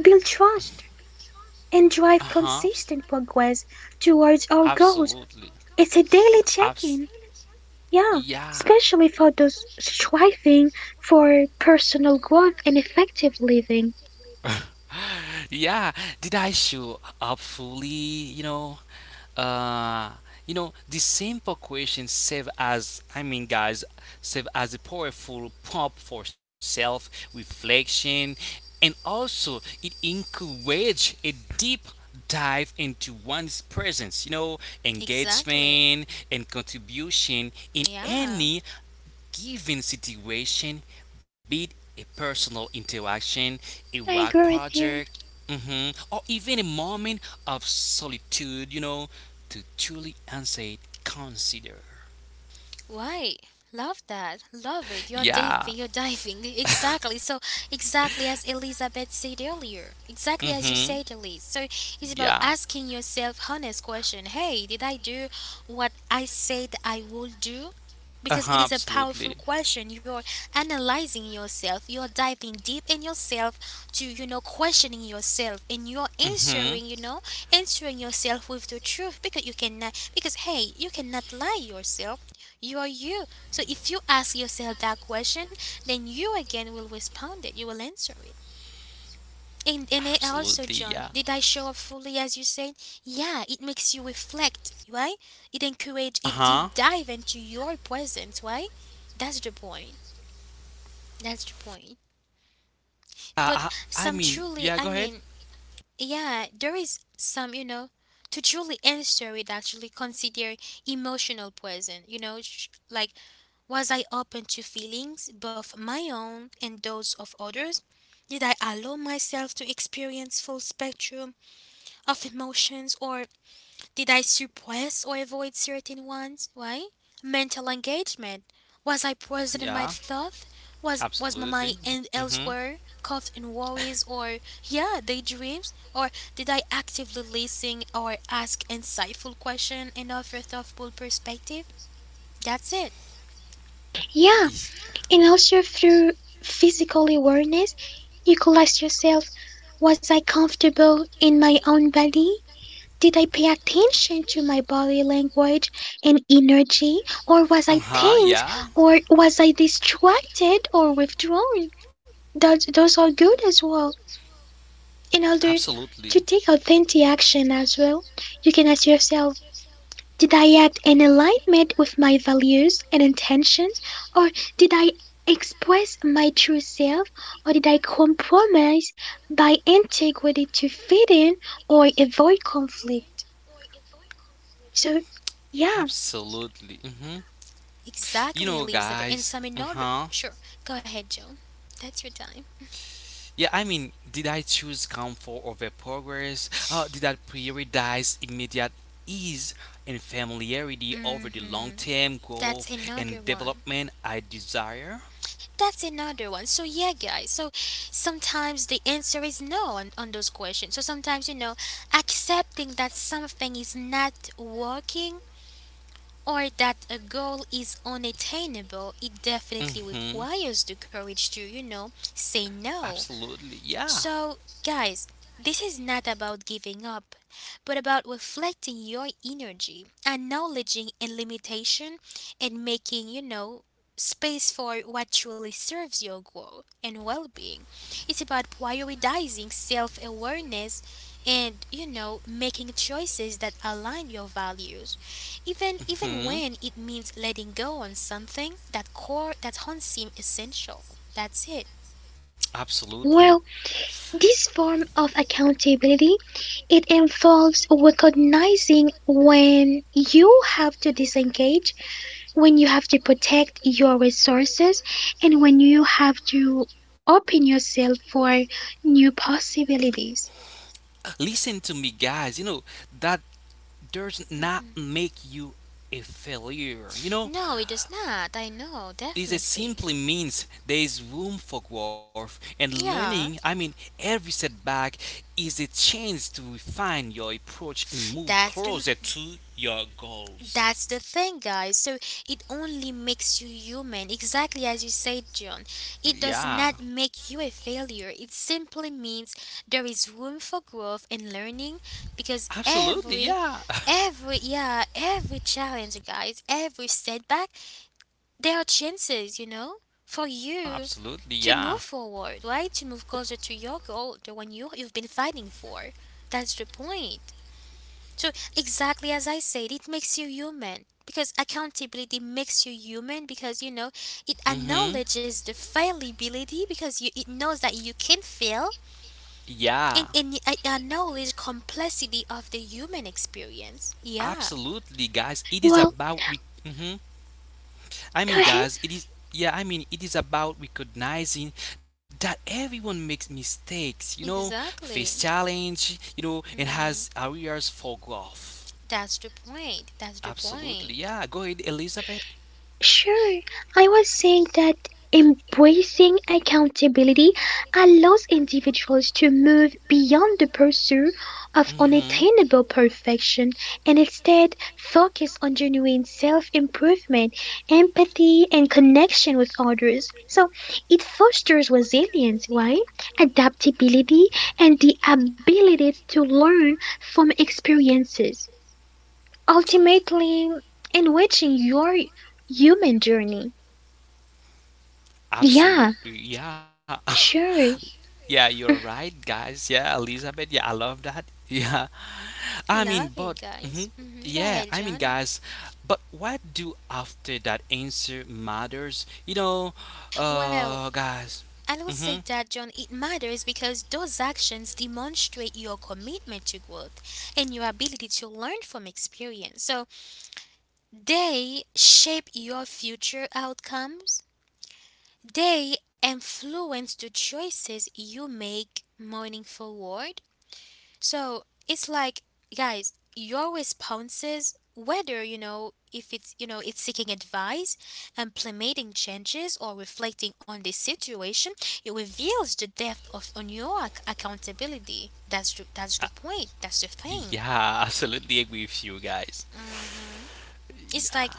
S3: build trust and
S2: Uh-huh.
S3: drive consistent progress towards our
S2: Absolutely.
S3: goals. It's a daily
S2: Abs-
S3: check in.
S2: yeah.
S3: Yeah, especially for those striving for personal growth and effective living.
S2: Yeah, did I show up fully? Uh, you know, the simple question serve as I mean, guys, serve as a powerful prompt for self-reflection, and also it encourage a deep dive into one's presence. You know,
S1: Exactly.
S2: engagement and contribution in
S1: Yeah.
S2: any given situation, be it a personal interaction, a
S3: I
S2: work
S3: agree with you.
S2: project, mhm, or even a moment of solitude, you know, to truly answer it, consider.
S1: Why? Love that. Love it. You're
S2: Yeah.
S1: diving. You're diving. Exactly. So, exactly as Elizabeth said earlier. Exactly as you
S2: Hmm.
S1: said, Elise. So, it's about
S2: Yeah.
S1: asking yourself honest question. Hey, did I do what I said I would do?
S2: Uh-huh,
S1: Because it is a powerful
S2: absolutely.
S1: question. You're analyzing yourself. You're diving deep in yourself to, you know, questioning yourself. And you're
S2: Mm-hmm.
S1: answering, you know, answering yourself with the truth. Because you cannot, because hey, you cannot lie yourself, you are you. So if you ask yourself that question, then you again will respond it. You will answer it. And and, it
S2: Absolutely, yeah.
S1: also, John, did I show up fully as you said? Yeah, it makes you reflect, right? It encourages a
S2: Uh-huh.
S1: deep dive into your presence, right? That's the point. That's the point.
S2: Uh,
S1: But
S2: I, I
S1: some
S2: mean, yeah,
S1: truly,
S2: go
S1: I
S2: ahead.
S1: mean, yeah, there is some, you know, to truly answer it, actually consider emotional presence, you know, like, was I open to feelings, both my own and those of others? Did I allow myself to experience full spectrum of emotions or did I suppress or avoid certain ones? Why? Mental engagement. Was I present in my
S2: Yeah,
S1: thoughts? Was my mind
S2: absolutely. Mm-hmm.
S1: elsewhere, caught in worries or yeah, daydreams? Or did I actively listen or ask insightful questions and offer thoughtful perspective? That's it.
S3: Yeah, and also through physical awareness, you could ask yourself, was I comfortable in my own body? Did I pay attention to my body language and energy? Or was I
S2: Uh-huh,
S3: tense?
S2: yeah.
S3: Or was I distracted or withdrawn? Those are good as well. In order
S2: Absolutely.
S3: to take authentic action as well, you can ask yourself, did I act in alignment with my values and intentions? Or did I express my true self? Or did I compromise by integrity to fit in or avoid conflict? So, yeah,
S2: Absolutely. Hmm. You
S1: Exactly,
S2: know,
S1: Elizabeth. And
S2: guys.
S1: some
S2: Uh
S1: another.
S2: huh.
S1: Sure, go ahead, Joan. That's your time.
S2: Yeah, I mean, did I choose comfort over progress? Did I prioritize immediate ease and familiarity over the long
S1: Mm-hmm.
S2: term
S1: That's
S2: growth
S1: another
S2: and
S1: one.
S2: development I desire?
S1: That's another one. So yeah, guys. So sometimes the answer is no on, on those questions. So sometimes you know, accepting that something is not working or that a goal is unattainable, it definitely
S2: Mm hmm.
S1: requires the courage to you know say no.
S2: Absolutely. Yeah.
S1: So, guys, this is not about giving up, but about reflecting your energy, acknowledging and limitation, and making, you know, space for what truly serves your growth and well being. It's about prioritizing self awareness and, you know, making choices that align your values. Even
S2: Hmm.
S1: when it means letting go on something that core that don't seem essential. That's it.
S2: Absolutely.
S3: well, this form of accountability, it involves recognizing when you have to disengage, when you have to protect your resources, and when you have to open yourself for new possibilities.
S2: Listen to me, guys. You know, that does not make you a failure. You know,
S1: No, it does not. I know,
S2: this is
S1: definitely.
S2: simply means there is room for growth and learning.
S1: Yeah.
S2: I mean, every setback is a chance to refine your approach and move
S1: That's the,
S2: closer to your goals.
S1: that's the thing, guys. So it only makes you human, exactly as you say, John. It does
S2: Yeah,
S1: not make you a failure. It simply means there is room for growth and learning because
S2: absolutely.
S1: every
S2: Yeah,
S1: every yeah, every challenge, guys, every setback there are chances, you know, for you
S2: absolutely.
S1: to move
S2: Yeah.
S1: forward, right? To move closer to your goal, the one you've been fighting for. That's the point. So exactly as I said, it makes you human because accountability makes you human because you know it
S2: Mm-hmm.
S1: acknowledges the fallibility because you it knows that you can fail
S2: Yeah,
S1: and it acknowledges complexity of the human experience. Yeah,
S2: absolutely, guys. It is
S3: Well,
S2: about we. Mhm. I mean,
S3: go ahead.
S2: guys, it is, yeah, I mean, it is about recognizing that everyone makes mistakes, you know, face
S1: exactly.
S2: challenge, you know, and has
S1: hmm
S2: areas for growth.
S1: That's the point. That's the point.
S2: Absolutely, yeah. Go ahead, Elizabeth.
S3: Sure, I was saying that embracing accountability allows individuals to move beyond the pursuit of
S2: Mm-hmm.
S3: unattainable perfection and instead focus on genuine self improvement, empathy, and connection with others. So it fosters resilience, right? Adaptability, and the ability to learn from experiences, ultimately enriching your human journey. Yeah,
S2: Absolutely. Yeah.
S3: sure.
S2: Yeah, you're right, guys. Yeah, Elizabeth. Yeah, I love that. Yeah. I mean, but
S1: Love it,
S2: mhm.
S1: guys. Go
S2: Yeah, I
S1: ahead,
S2: mean,
S1: John.
S2: guys, but what do after that answer matters? You know,
S1: Well,
S2: guys.
S1: I will say
S2: Mhm.
S1: that, John, it matters because those actions demonstrate your commitment to growth and your ability to learn from experience. So they shape your future outcomes, they influence the choices you make moving forward. So it's like, guys, your responses, whether you know if it's you know it's seeking advice, implementing changes, or reflecting on the situation, it reveals the depth of on your accountability. That's the point. That's the thing.
S2: Yeah, absolutely agree with you guys.
S1: hmm it's like,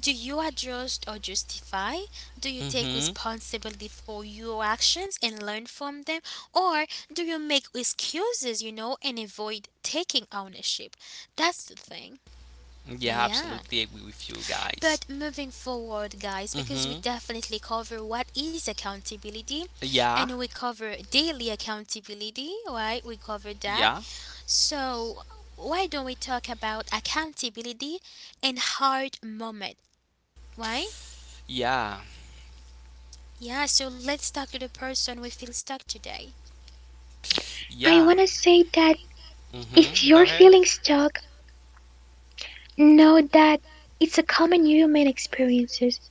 S1: do you adjust or justify? Do you take
S2: Mhm.
S1: responsibility for your actions and learn from them? Or do you make excuses, you know, and avoid taking ownership? That's the thing.
S2: Yeah,
S1: Yeah.
S2: absolutely agree with you guys.
S1: But moving forward, guys, because we
S2: Mhm.
S1: definitely cover what is accountability
S2: Yeah.
S1: and we cover daily accountability, right? We cover
S2: Yeah.
S1: that. So, why don't we talk about accountability and hard moment, right?
S2: Yeah.
S1: Yeah, so let's talk to the person we feel stuck today.
S2: Yeah.
S3: I want to say that
S2: Mm-hmm.
S3: if
S2: Go
S3: you're
S2: ahead.
S3: feeling stuck, know that it's a common human experiences.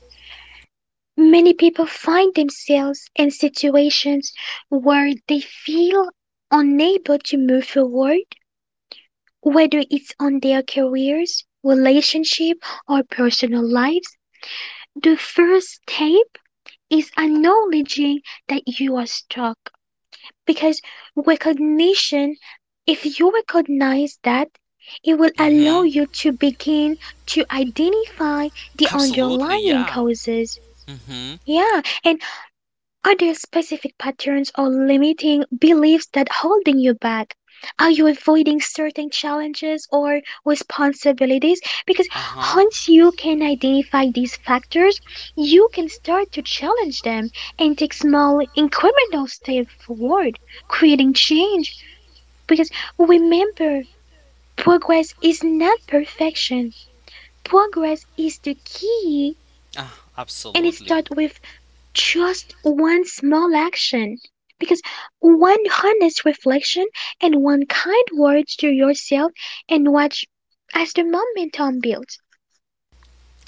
S3: Many people find themselves in situations where they feel unable to move forward, whether it's on their careers, relationship, or personal lives. The first step is acknowledging that you are stuck. Because recognition, if you recognize that, it will allow
S2: Mm-hmm.
S3: you to begin to identify the
S2: Absolutely.
S3: underlying
S2: Yeah.
S3: causes.
S2: Mm-hmm.
S3: Yeah, and are there specific patterns or limiting beliefs that holding you back? Are you avoiding certain challenges or responsibilities? Because
S2: Uh-huh.
S3: once you can identify these factors, you can start to challenge them and take small incremental steps forward, creating change. Because remember, progress is not perfection. Progress is the key,
S2: Uh,
S3: and it
S2: absolutely.
S3: starts with just one small action, because one honest reflection and one kind word to yourself, and watch as the momentum builds.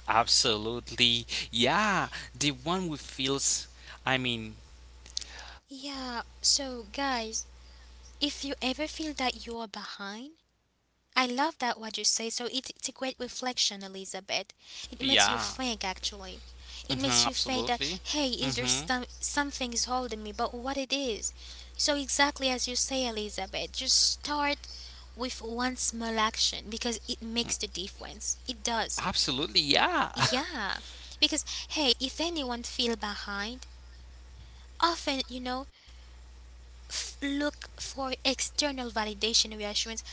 S2: Absolutely. Yeah. The one who feels, I mean,
S1: Yeah, so guys, if you ever feel that you are behind, I love that what you say. So it's a great reflection, Elizabeth. It makes you
S2: yeah.
S1: think actually. It
S2: Mm-hmm.
S1: makes you think that
S2: Absolutely.
S1: hey, is there
S2: Mm-hmm.
S1: some something is holding me, but what it is? So exactly as you say, Elizabeth, just start with one small action because it makes the difference. It does.
S2: Absolutely. Yeah.
S1: Yeah, because hey, if anyone feel behind, often, you know, look for external validation and reassurance,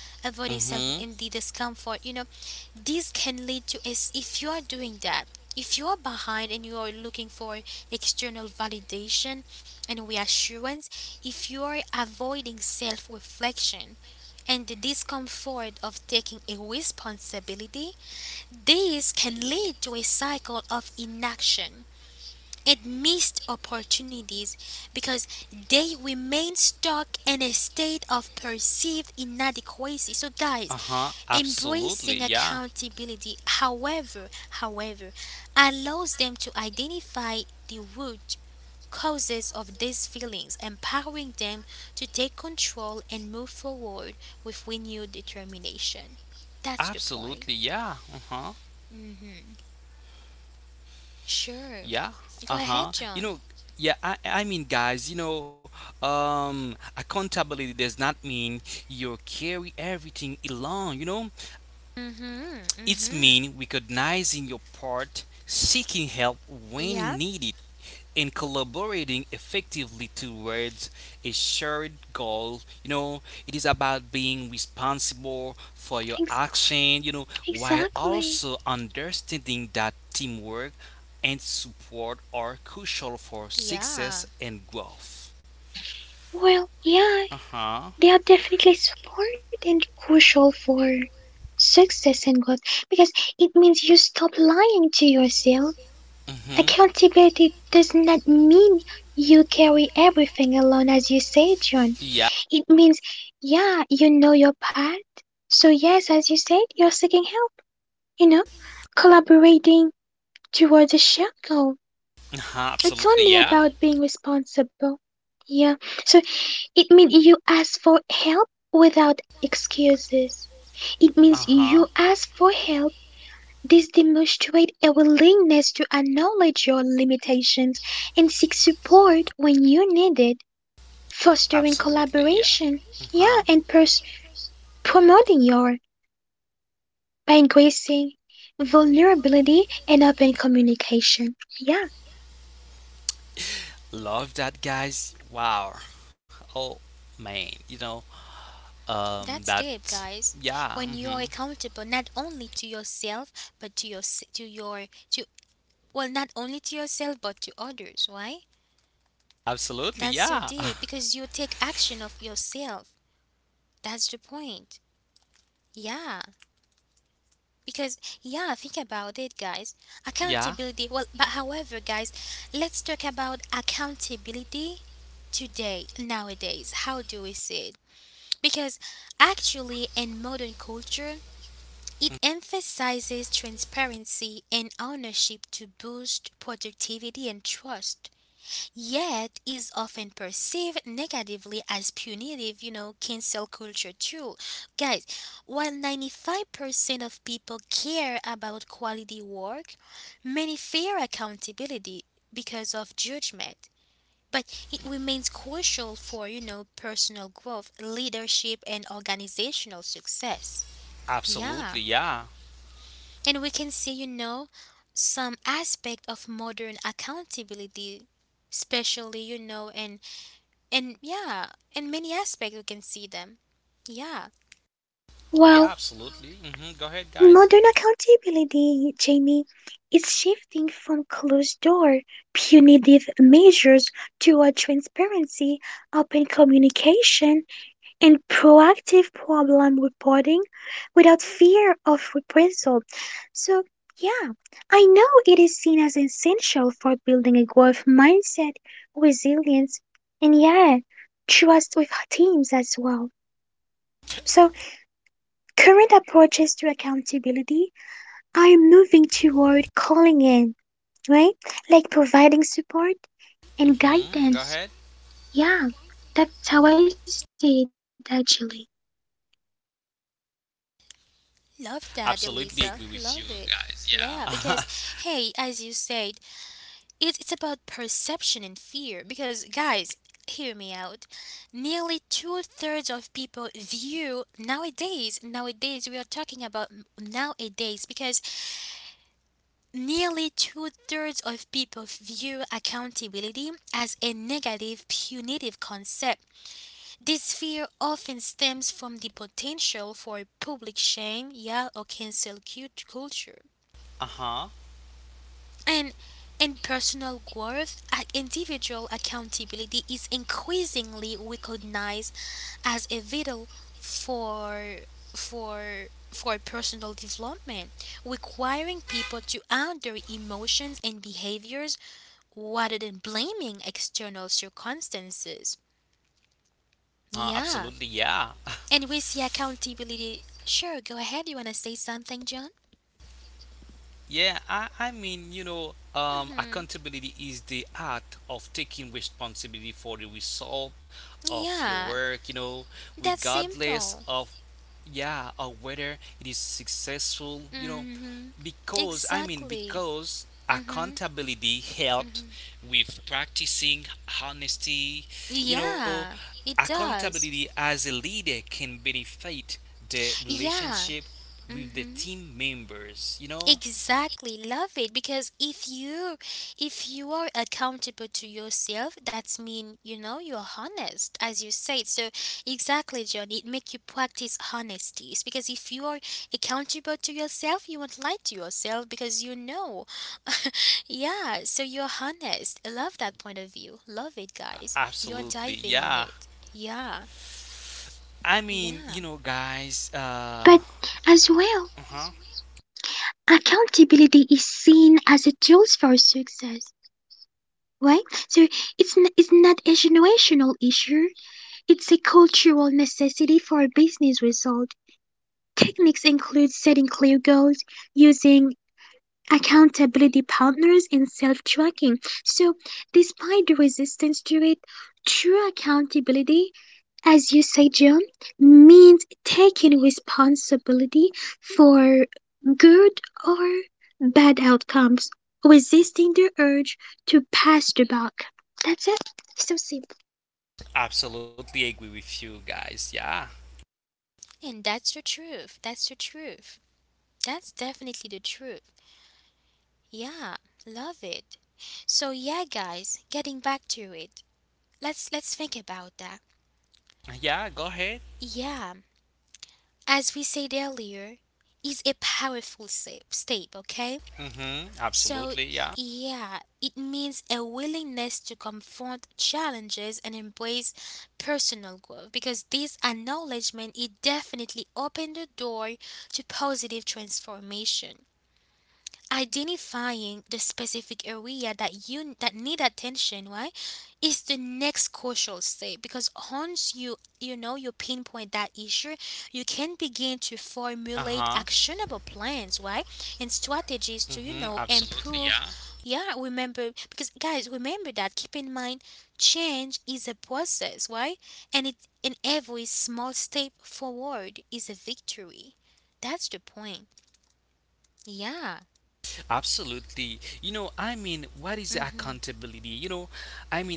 S1: avoiding self
S2: Mm-hmm.
S1: and the discomfort. This can lead to is if you are doing that, if you are behind and you are looking for external validation and reassurance, if you are avoiding self reflection and the discomfort of taking a responsibility, this can lead to a cycle of inaction and missed opportunities because they remain stuck in a state of perceived inadequacy. So guys,
S2: Uh-huh, absolutely.
S1: embracing
S2: Yeah.
S1: accountability, however, allows them to identify the root causes of these feelings, empowering them to take control and move forward with renewed determination. That's the point.
S2: Absolutely. Yeah. Uh-huh.
S1: Mhm. Sure.
S2: Yeah.
S1: Go
S2: Uh-huh.
S1: ahead,
S2: You
S1: John.
S2: know, yeah, I mean guys, you know, accountability does not mean you carry everything alone, you know?
S1: Mhm.
S2: It's
S1: Mhm.
S2: mean recognizing your part, seeking help
S1: Yeah,
S2: when needed, in collaborating effectively towards a shared goal, you know. It is about being responsible for your
S3: Ex-
S2: action, you know, while
S3: exactly.
S2: also understanding that teamwork and support are crucial for
S1: yeah,
S2: success and growth.
S3: Well, yeah,
S2: Uh-huh.
S3: they are definitely support and crucial for success and growth because it means you stop lying to yourself.
S2: Mm-hmm.
S3: Accountability does not mean you carry everything alone, as you say, John.
S2: Yeah.
S3: It means, yeah, you know your part. So, yes, as you said, you're seeking help, you know, collaborating towards a shared goal.
S2: Uh-huh,
S3: It's
S2: absolutely,
S3: only
S2: yeah.
S3: about being responsible. Yeah, so it means you ask for help without excuses. It
S2: Uh
S3: means
S2: huh.
S3: you ask for help. This demonstrates a willingness to acknowledge your limitations and seek support when you need it, fostering
S2: Absolutely. Yeah.
S3: collaboration,
S2: Uh-huh.
S3: yeah, and promoting your by increasing vulnerability and open communication. Yeah,
S2: Love that, guys. Wow. Oh, man. You know,
S1: that's deep,
S2: that,
S1: guys.
S2: yeah.
S1: When
S2: Mm-hmm.
S1: you're accountable not only to yourself but to your s- to your to well, not only to yourself but to others. Why?
S2: Absolutely.
S1: That's so
S2: Yeah.
S1: deep because you take action of yourself. That's the point. Yeah, because yeah, think about it, guys.
S2: Yeah.
S1: Accountability. Well, but however, guys, let's talk about accountability today nowadays. How do we see it? Because actually, in modern culture it emphasizes transparency and ownership to boost productivity and trust, yet is often perceived negatively as punitive, you know, cancel culture too. Guys, while 95% of people care about quality work, many fear accountability because of judgment. But it remains crucial for, you know, personal growth, leadership and organizational success.
S2: Absolutely.
S1: Yeah.
S2: Yeah.
S1: And we can see, you know, some aspect of modern accountability, especially, you know, and yeah, in many aspects we can see them. Yeah,
S2: Yeah,
S3: well,
S2: absolutely. Mm-hmm. Go ahead, guys.
S3: modern accountability, Jamie, is shifting from closed door punitive measures toward transparency, open communication, and proactive problem reporting without fear of reprisal. So, yeah, I know it is seen as essential for building a growth mindset, resilience, and yeah, trust with teams as well. So, current approaches to accountability are moving toward calling in, right? Like providing support and
S2: Mm-hmm. Go
S3: guidance.
S2: ahead.
S3: Yeah, that's how I see it actually.
S1: love that,
S2: Absolutely
S1: Eliza.
S2: agree with you,
S1: Love it.
S2: guys.
S1: Yeah,
S2: Yeah.
S1: because hey, as you said, it's about perception and fear. Because guys, hear me out. Nearly two-thirds of people view nowadays. Nowadays, we are talking about nowadays because nearly two-thirds of people view accountability as a negative, punitive concept. This fear often stems from the potential for public shame, yeah, or culture.
S2: Uh-huh.
S1: And in personal growth, individual accountability is increasingly recognized as a vital for personal development, requiring people to own their emotions and behaviors rather than blaming external circumstances.
S2: Uh-huh.
S1: Yeah.
S2: Absolutely. Yeah.
S1: And we see accountability. Sure, go ahead. You want to say something, John?
S2: Yeah, I mean, you know,
S1: Hmm.
S2: accountability is the act of taking responsibility for the result of your
S1: Yeah.
S2: work, you know,
S1: That's
S2: regardless
S1: simple.
S2: of, yeah, of whether it is successful, you know,
S1: Hmm.
S2: because, I mean,
S1: Exactly.
S2: because
S1: Hmm.
S2: accountability helps
S1: Hmm.
S2: with practicing honesty, you know,
S1: Yeah. It does.
S2: accountability as a leader can benefit the
S1: Yeah.
S2: relationship with the
S1: Hmm.
S2: team members, you know.
S1: Exactly, love it because if you are accountable to yourself, that's mean you know you're honest, as you said. So exactly, John, it make you practice honesty. It's because if you are accountable to yourself, you won't lie to yourself because you know. yeah, so you're honest. I love that point of view. Love it, guys. You're
S2: Absolutely.
S1: diving on
S2: Yeah.
S1: it. Yeah,
S2: I mean, you
S1: yeah,
S2: know, guys,
S3: But as well,
S2: uh-huh.
S3: accountability is seen as a tool for success, right? So it's not a generational issue; it's a cultural necessity for business result. Techniques include setting clear goals, using accountability partners, and self-tracking. So, despite the resistance to it, true accountability, as you say, John, means taking responsibility for good or bad outcomes, resisting the urge to pass the buck. That's it. So simple.
S2: Absolutely agree with you guys. Yeah.
S1: and that's the truth. That's the truth. That's definitely the truth. Yeah, love it. So yeah, guys, getting back to it. Let's think about that.
S2: Yeah, go ahead.
S1: Yeah, as we said earlier, is a powerful step, okay?
S2: Mhm.
S1: So
S2: Absolutely. Yeah.
S1: yeah, it means a willingness to confront challenges and embrace personal growth because this acknowledgement it definitely opened the door to positive transformation. Identifying the specific area that you that need attention, right, is the next crucial step because once you you know you pinpoint that issue, you can begin to formulate
S2: Uh-huh.
S1: actionable plans, right, and strategies to, you
S2: Mhm.
S1: know,
S2: Absolutely.
S1: improve.
S2: Yeah.
S1: Yeah, remember because guys remember that, keep in mind, change is a process, right, and it in every small step forward is a victory. That's the point. Yeah.
S2: Absolutely. You know, I mean, what is
S1: Mhm.
S2: accountability? You know, I mean,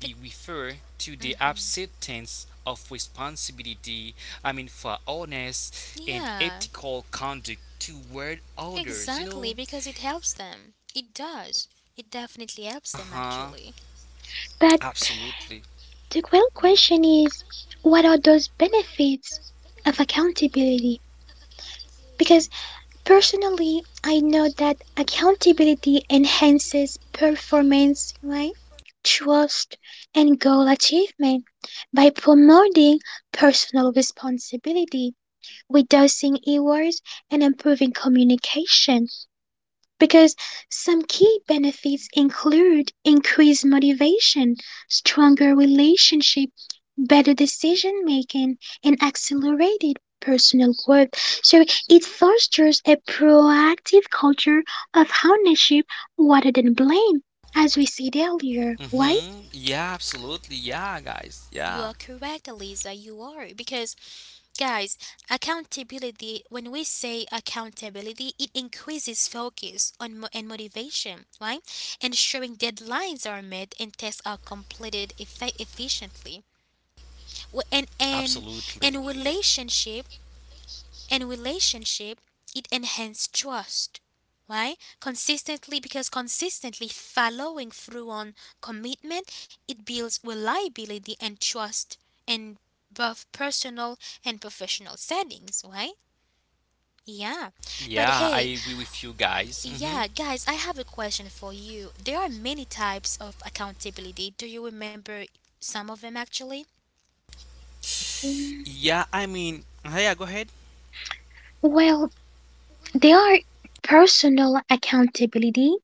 S1: But
S2: refer to the acceptance of responsibility, I mean, for honest and
S1: yeah,
S2: ethical conduct toward others, you
S1: exactly,
S2: know?
S1: because it helps them. It does. It definitely helps them,
S2: Uh-huh.
S1: actually.
S3: But
S2: Absolutely.
S3: the real question is, what are those benefits of accountability? Because personally, I know that accountability enhances performance, right? Trust and goal achievement by promoting personal responsibility, reducing errors, and improving communication, because some key benefits include increased motivation, stronger relationship, better decision making, and accelerated personal growth. So it fosters a proactive culture of ownership rather than blame, as we said earlier, right?
S2: Mm-hmm. Yeah, absolutely. Yeah, guys.
S1: You
S2: Yeah.
S1: are correct, Elisa, you are. Because, guys, accountability, when we say accountability, it increases focus on mo- and motivation, right? Ensuring deadlines are met and tests are completed efficiently. W- And, and,
S2: Absolutely.
S1: and relationship, it enhances trust. Why? Consistently, because consistently following through on commitment, it builds reliability and trust in both personal and professional settings. Why? Yeah. But
S2: Yeah, I
S1: hey,
S2: agree with you guys. Mm-hmm.
S1: yeah guys, I have a question for you. There are many types of accountability. Do you remember some of them, actually?
S2: Yeah, I mean, yeah, go ahead.
S3: Well, there are personal accountability,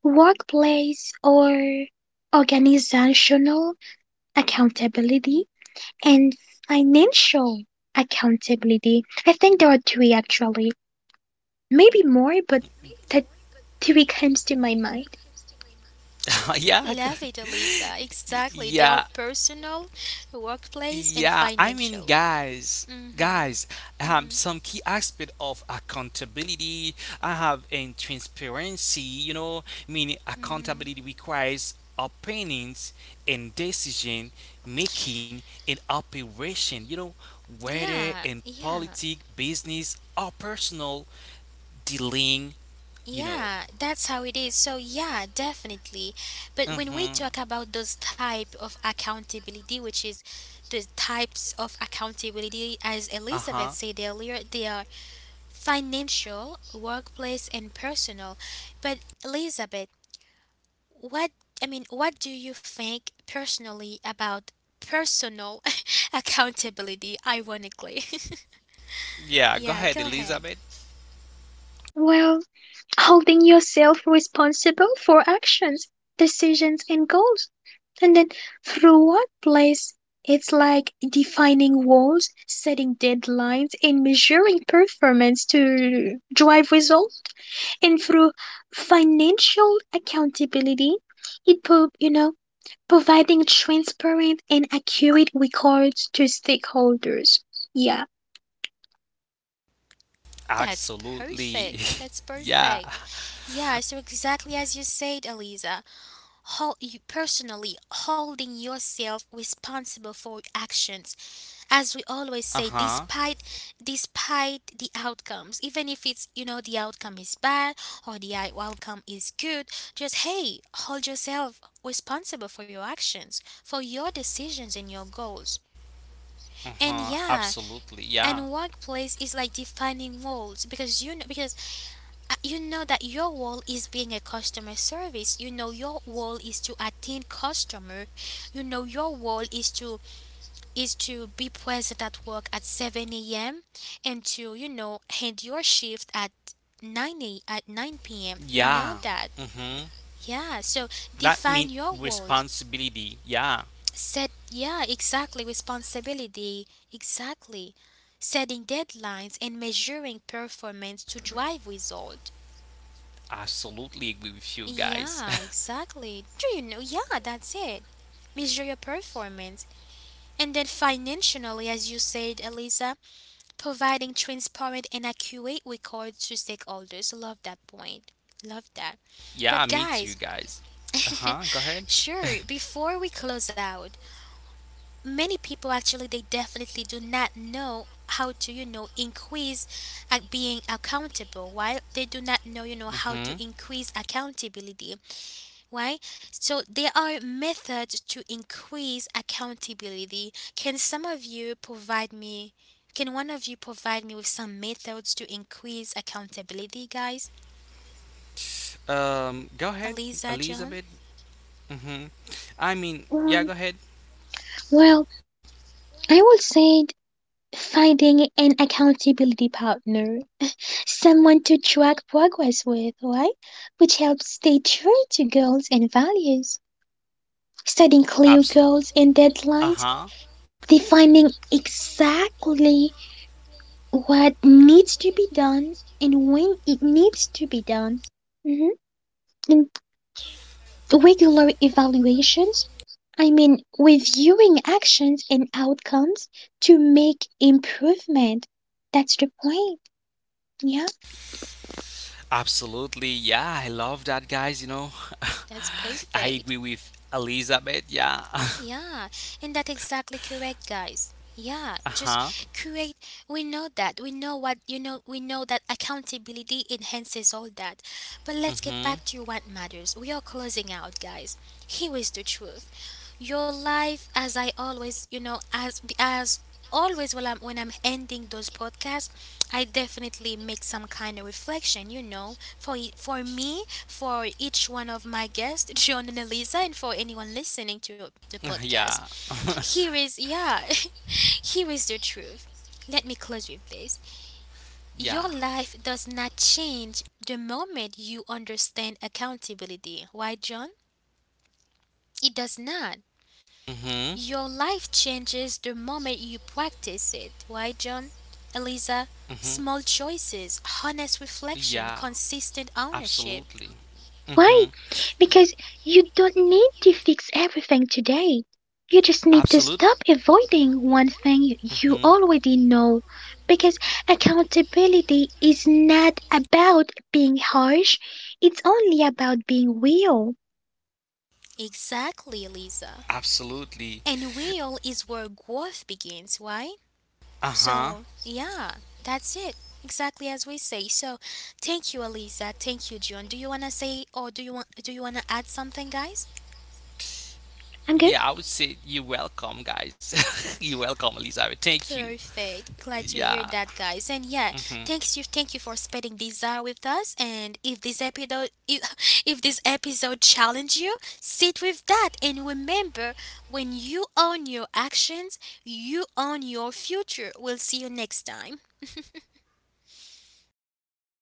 S3: workplace or organizational accountability, and financial accountability. I think there are three actually, maybe more, but that three comes to my mind.
S2: Yeah, go
S1: Love it, Elisa, exactly. They are
S2: yeah.
S1: personal, workplace and
S2: Yeah, I mean,
S1: financial.
S2: guys,
S1: Mhm.
S2: guys,
S1: Mhm.
S2: some key aspect of accountability I have in transparency. You know, meaning
S1: Mhm.
S2: accountability requires opinions and decision making in operation. You know, whether
S1: Yeah.
S2: in
S1: Yeah.
S2: politics, business, or personal dealing, you
S1: Yeah,
S2: know.
S1: that's how it is. So yeah, definitely. But when we talk
S2: Mm-hmm.
S1: about those type of accountability, which is the types of accountability as Elizabeth
S2: Uh-huh.
S1: said earlier, they are financial, workplace and personal. But Elizabeth, what, I mean, what do you think personally about personal accountability, ironically?
S2: Yeah, go
S1: yeah,
S2: ahead,
S1: go ahead.
S2: Elizabeth.
S3: Well, holding yourself responsible for actions, decisions, and goals. And then through workplace, it's like defining goals, setting deadlines, and measuring performance to drive results. And through financial accountability, you know, providing transparent and accurate records to stakeholders. Yeah.
S1: That's
S2: Absolutely.
S1: perfect. That's
S2: Yeah.
S1: perfect. Yeah, so exactly as you said, Eliza, hold you personally holding yourself responsible for actions. As we always say,
S2: Uh-huh.
S1: despite despite the outcomes, even if it's, you know, the outcome is bad or outcome is good, just hey, hold yourself responsible for your actions, for your decisions and your goals. And
S2: Uh-huh.
S1: yeah,
S2: Absolutely. Yeah.
S1: and workplace is like defining roles because you know that your role is being a customer service, you know your role is to attend customer, you know your role is to be present at work at 7 a.m. and to, you know, end your shift at 9 p.m., you
S2: Yeah.
S1: know that.
S2: Mm-hmm.
S1: Yeah, so
S2: That
S1: define
S2: means
S1: your roles.
S2: responsibility. Yeah.
S1: Set, yeah exactly, responsibility. Exactly, setting deadlines and measuring performance to drive result.
S2: Absolutely agree with you guys.
S1: Yeah, exactly. Do you know? Yeah, that's it. Measure your performance. And then financially, as you said, Elisa, providing transparent and accurate records to stakeholders. Love that point. Love that.
S2: Yeah,
S1: But
S2: me too,
S1: guys,
S2: guys. Uh huh. Go ahead.
S1: sure, before we close out, many people actually they definitely do not know how to, you know, increase at being accountable, while they do not know, you know, how
S2: Mm
S1: to increase accountability. Why? So there are methods to increase accountability. Can some of you provide me, can one of you provide me with some methods to increase accountability, guys?
S2: hmm. Go ahead,
S1: Eliza? John?
S2: Elizabeth. Mm hmm. I mean, yeah,
S3: Um,
S2: go ahead.
S3: well, I would say finding an accountability partner, someone to track progress with, right? Which helps stay true to goals and values. Setting clear
S2: Absolutely.
S3: goals and
S2: Uh
S3: deadlines,
S2: huh.
S3: defining exactly what needs to be done and when it needs to be done. Mhm. Regular evaluations, I mean reviewing actions and outcomes to make improvement. That's the point. Yeah.
S2: Absolutely. Yeah, I love that, guys. You know,
S1: That's
S2: I
S1: perfect.
S2: agree with Elizabeth. Yeah.
S1: Yeah, and that's exactly correct, guys.
S2: Uh
S1: Yeah,
S2: huh.
S1: just create. We know that. We know what you know. We know that accountability enhances all that. But let's get back
S2: Mhm.
S1: to what matters. We are closing out, guys. Here is the truth. Your life, as I always, you know, as always when I'm ending those podcasts, I definitely make some kind of reflection, you know, for me, for each one of my guests, John and Elisa, and for anyone listening to the podcast.
S2: Yeah.
S1: Here is, yeah, here is the truth. Let me close with this.
S2: Yeah.
S1: Your life does not change the moment you understand accountability. Why, John? It does not.
S2: Mhm.
S1: Your life changes the moment you practice it. Why, John? Eliza,
S2: Mhm.
S1: small choices, honest
S2: Yeah.
S1: reflection, consistent ownership.
S2: Absolutely. Mhm.
S3: Right, because you don't need to fix everything today. You just need to
S2: Absolutely.
S3: stop avoiding one thing you
S2: Mhm.
S3: already know. Because accountability is not about being harsh, it's only about being real.
S1: Exactly, Eliza.
S2: Absolutely.
S1: And will is where growth begins, right?
S2: Uh huh.
S1: So, yeah, that's it. Exactly as we say. So, thank you, Eliza. Thank you, John. Do you wanna say, or do you want, do you wanna add something, guys?
S3: I'm good.
S2: Yeah, I would say you're welcome, guys. You're welcome, Elizabeth. Thank you.
S1: Perfect. Glad to hear
S2: Yeah.
S1: that, guys. And yeah,
S2: Mhm.
S1: thanks you, thank you for spending this hour with us. And if this episode, if, if this episode challenged you, sit with that and remember, when you own your actions, you own your future. We'll see you next time.